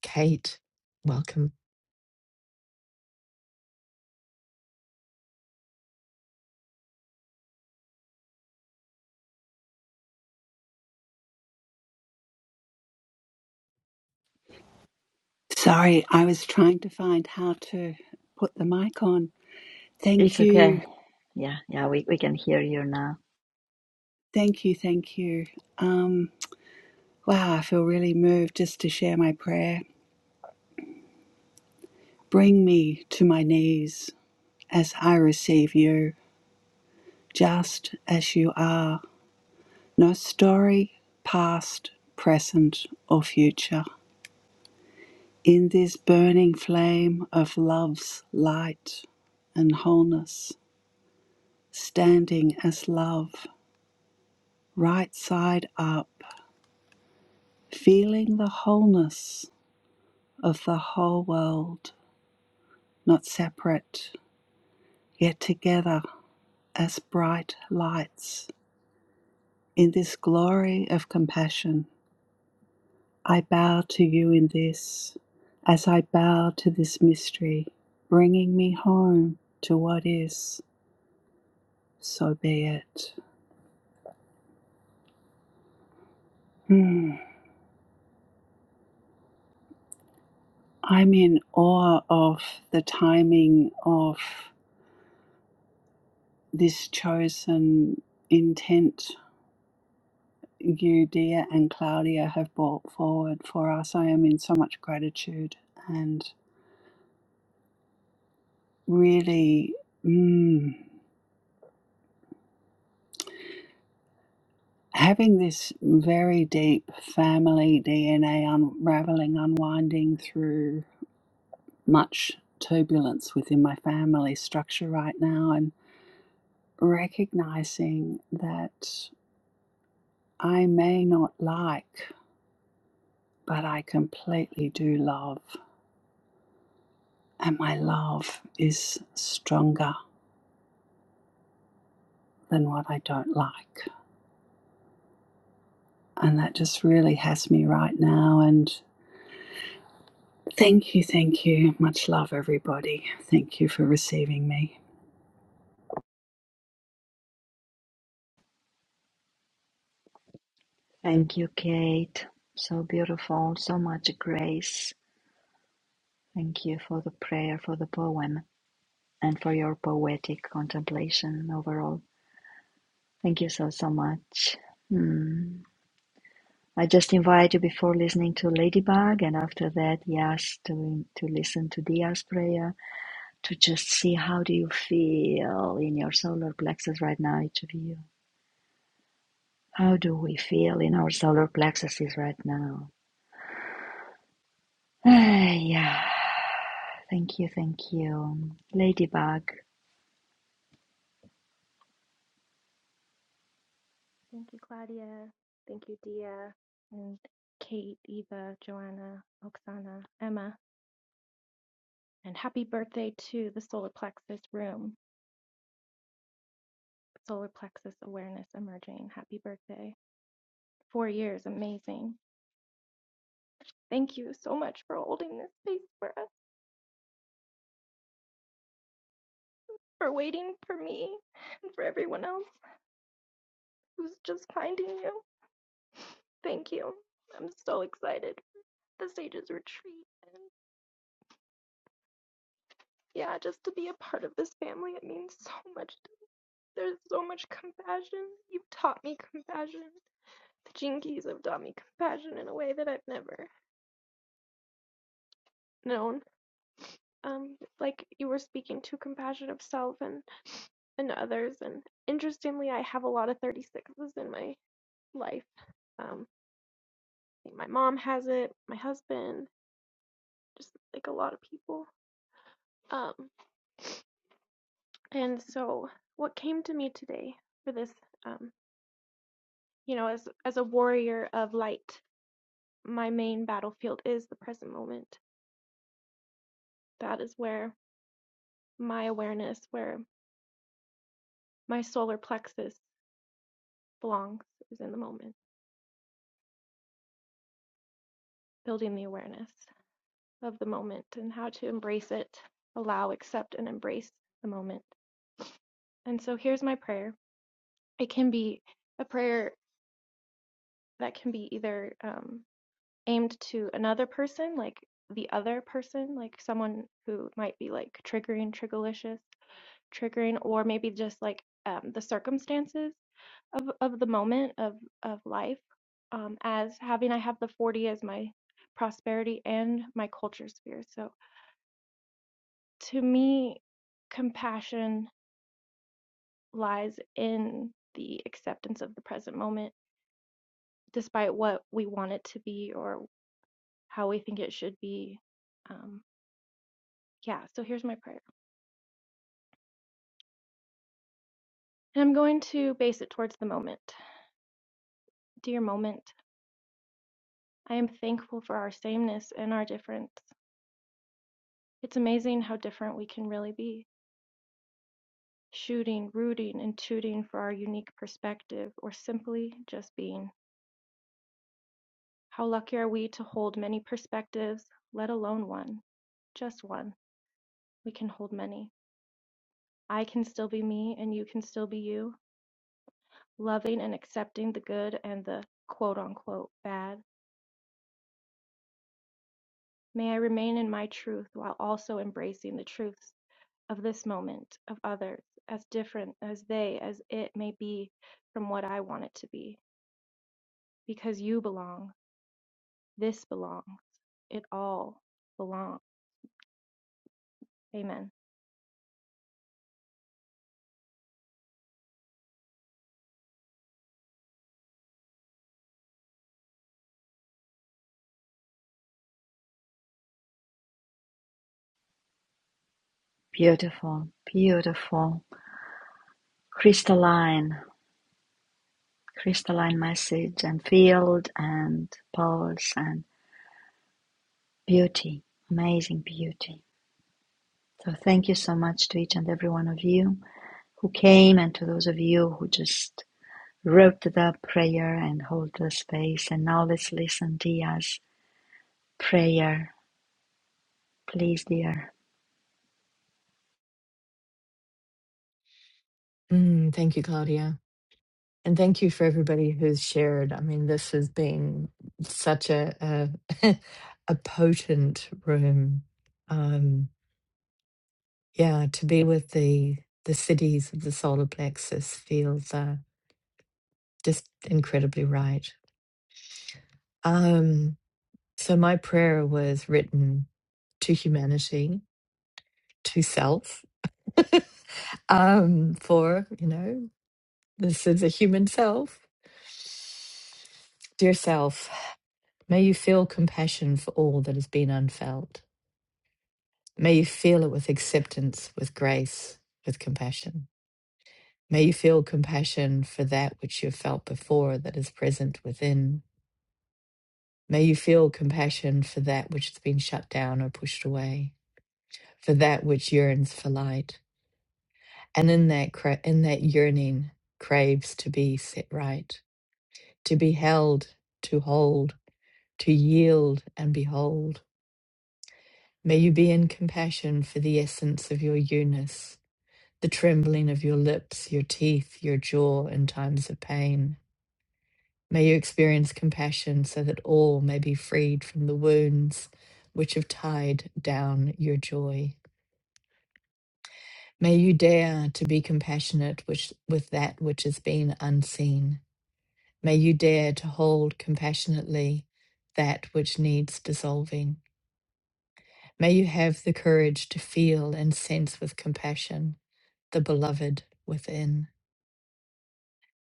Kate, welcome.
Sorry, I was trying to find how to put the mic on.
It's
Thank
okay.
you.
Yeah, yeah, we, we can hear you now.
Thank you. Thank you. Um, wow, I feel really moved just to share my prayer. Bring me to my knees as I receive you, just as you are. No story, past, present, or future. In this burning flame of love's light and wholeness, standing as love, right side up feeling the wholeness of the whole world, not separate, yet together as bright lights. In this glory of compassion, I bow to you in this, as I bow to this mystery, bringing me home to what is, so be it. Hmm. I'm in awe of the timing of this chosen intent you, dear, and Claudia have brought forward for us. I am in so much gratitude and really mm, having this very deep family DNA unraveling, unwinding through much turbulence within my family structure right now, and recognizing that I may not like, but I completely do love. And my love is stronger than what I don't like. And that just really has me right now. And thank you, thank you. Much love, everybody. Thank you for receiving me.
Thank you, Kate. So beautiful, so much grace, Thank you for the prayer, for the poem, and for your poetic contemplation overall. Thank you so, so much. Hmm. I just invite you before listening to Ladybug and after that, yes, to, to listen to Dia's prayer, to just see how do you feel in your solar plexus right now, each of you. How do we feel in our solar plexuses right now? Ah, yeah, thank you, thank you. Ladybug,
Thank you, Claudia. Thank you, Dia, and Kate, Eva, Joanna, Oksana, Emma. And happy birthday to the solar plexus room, solar plexus awareness emerging. Happy birthday. Four years, amazing. Thank you so much for holding this space for us, for waiting for me, and for everyone else who's just finding you. Thank you. I'm so excited for the Sages Retreat. And yeah, just to be a part of this family, it means so much There's so much compassion. You've taught me compassion. The Gene Keys have taught me compassion in a way that I've never known. Um, like you were speaking to compassion of self and, and others. And interestingly, I have a lot of 36s in my life. Um, my mom has it, my husband, just like a lot of people. Um, and so what came to me today for this, um, you know, as as a warrior of light, my main battlefield is the present moment that is where my awareness, where my solar plexus belongs, is in the moment, building the awareness of the moment and how to embrace it, allow, accept, and embrace the moment. And so here's my prayer. It can be a prayer that can be either um, aimed to another person, like the other person, like someone who might be like triggering, triggerlicious, triggering, or maybe just like um, the circumstances. of of the moment of of life um as having i have the 40 as my prosperity and my culture sphere so to me compassion lies in the acceptance of the present moment despite what we want it to be or how we think it should be um yeah so here's my prayer and i'm going to base it towards the moment dear moment i am thankful for our sameness and our difference it's amazing how different we can really be Shooting, rooting, and tooting for our unique perspective, or simply just being. How lucky are we to hold many perspectives, let alone one? Just one. We can hold many. I can still be me, and you can still be you, loving and accepting the good and the quote unquote bad. May I remain in my truth while also embracing the truths of this moment, of others, as different as they, as it may be from what I want it to be. Because you belong. This belongs. It all belongs. Amen.
beautiful, beautiful, crystalline. crystalline message and field and pulse and beauty, amazing beauty. So thank you so much to each and every one of you who came and to those of you who just wrote the prayer and hold the space. And now let's listen to Dia's prayer. Please, dear,
Mm, thank you, Claudia. And thank you for everybody who's shared. I mean, this has been such a a, a potent room. Um, yeah, to be with the the cities of the solar plexus feels uh, just incredibly right. Um, so my prayer was written to humanity, to self, um, for you know This is a human self. Dear self, may you feel compassion for all that has been unfelt. May you feel it with acceptance, with grace, with compassion. May you feel compassion for that which you have felt before that is present within. May you feel compassion for that which has been shut down or pushed away, for that which yearns for light, and in that cra- in that yearning craves to be set right, to be held, to hold to yield and behold. May you be in compassion for the essence of your you-ness, the trembling of your lips, your teeth, your jaw in times of pain. May you experience compassion so that all may be freed from the wounds which have tied down your joy. May you dare to be compassionate which, with that which has been unseen. May you dare to hold compassionately that which needs dissolving. May you have the courage to feel and sense with compassion the beloved within.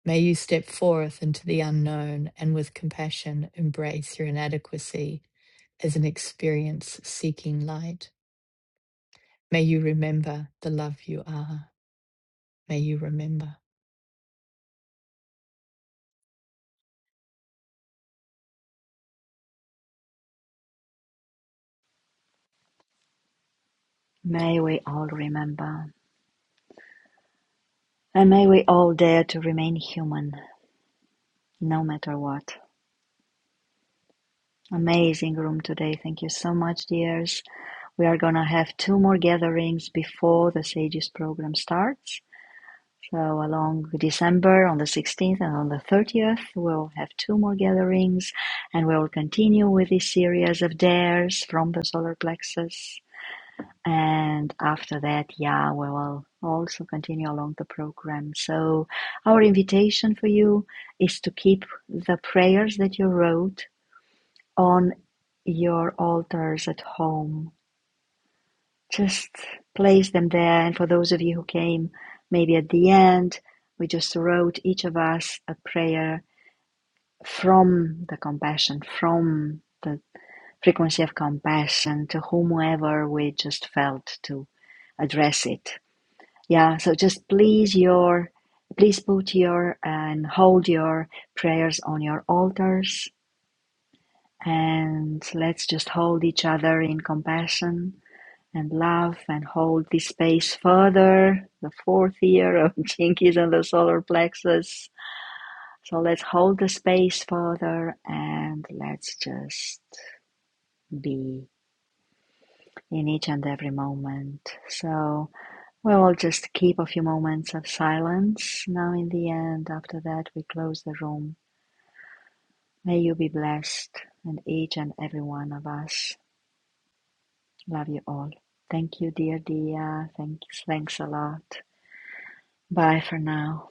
May you step forth into the unknown and with compassion embrace your inadequacy as an experience seeking light. May you remember the love you are. May you remember.
may we all remember and may we all dare to remain human no matter what. Amazing room today. Thank you so much, dears. We're gonna have two more gatherings before the Sages program starts. So along December on the 16th and on the 30th, we'll have two more gatherings and we'll continue with this series of dares from the solar plexus. And after that, yeah, we will also continue along the program. So our invitation for you is to keep the prayers that you wrote on your altars at home just place them there. And for those of you who came maybe at the end, we just wrote each of us a prayer from the compassion, from the frequency of compassion to whomever we just felt to address it. Yeah, so just please your please put your and hold your prayers on your altars and let's just hold each other in compassion and love and hold this space further. The fourth year of Jinkies and the solar plexus. So let's hold the space further and let's just be in each and every moment. So we will just keep a few moments of silence. Now, in the end, after that, we close the room. May you be blessed and each and every one of us. Love you all. Thank you, dear Dia. Thanks, thanks a lot. Bye for now.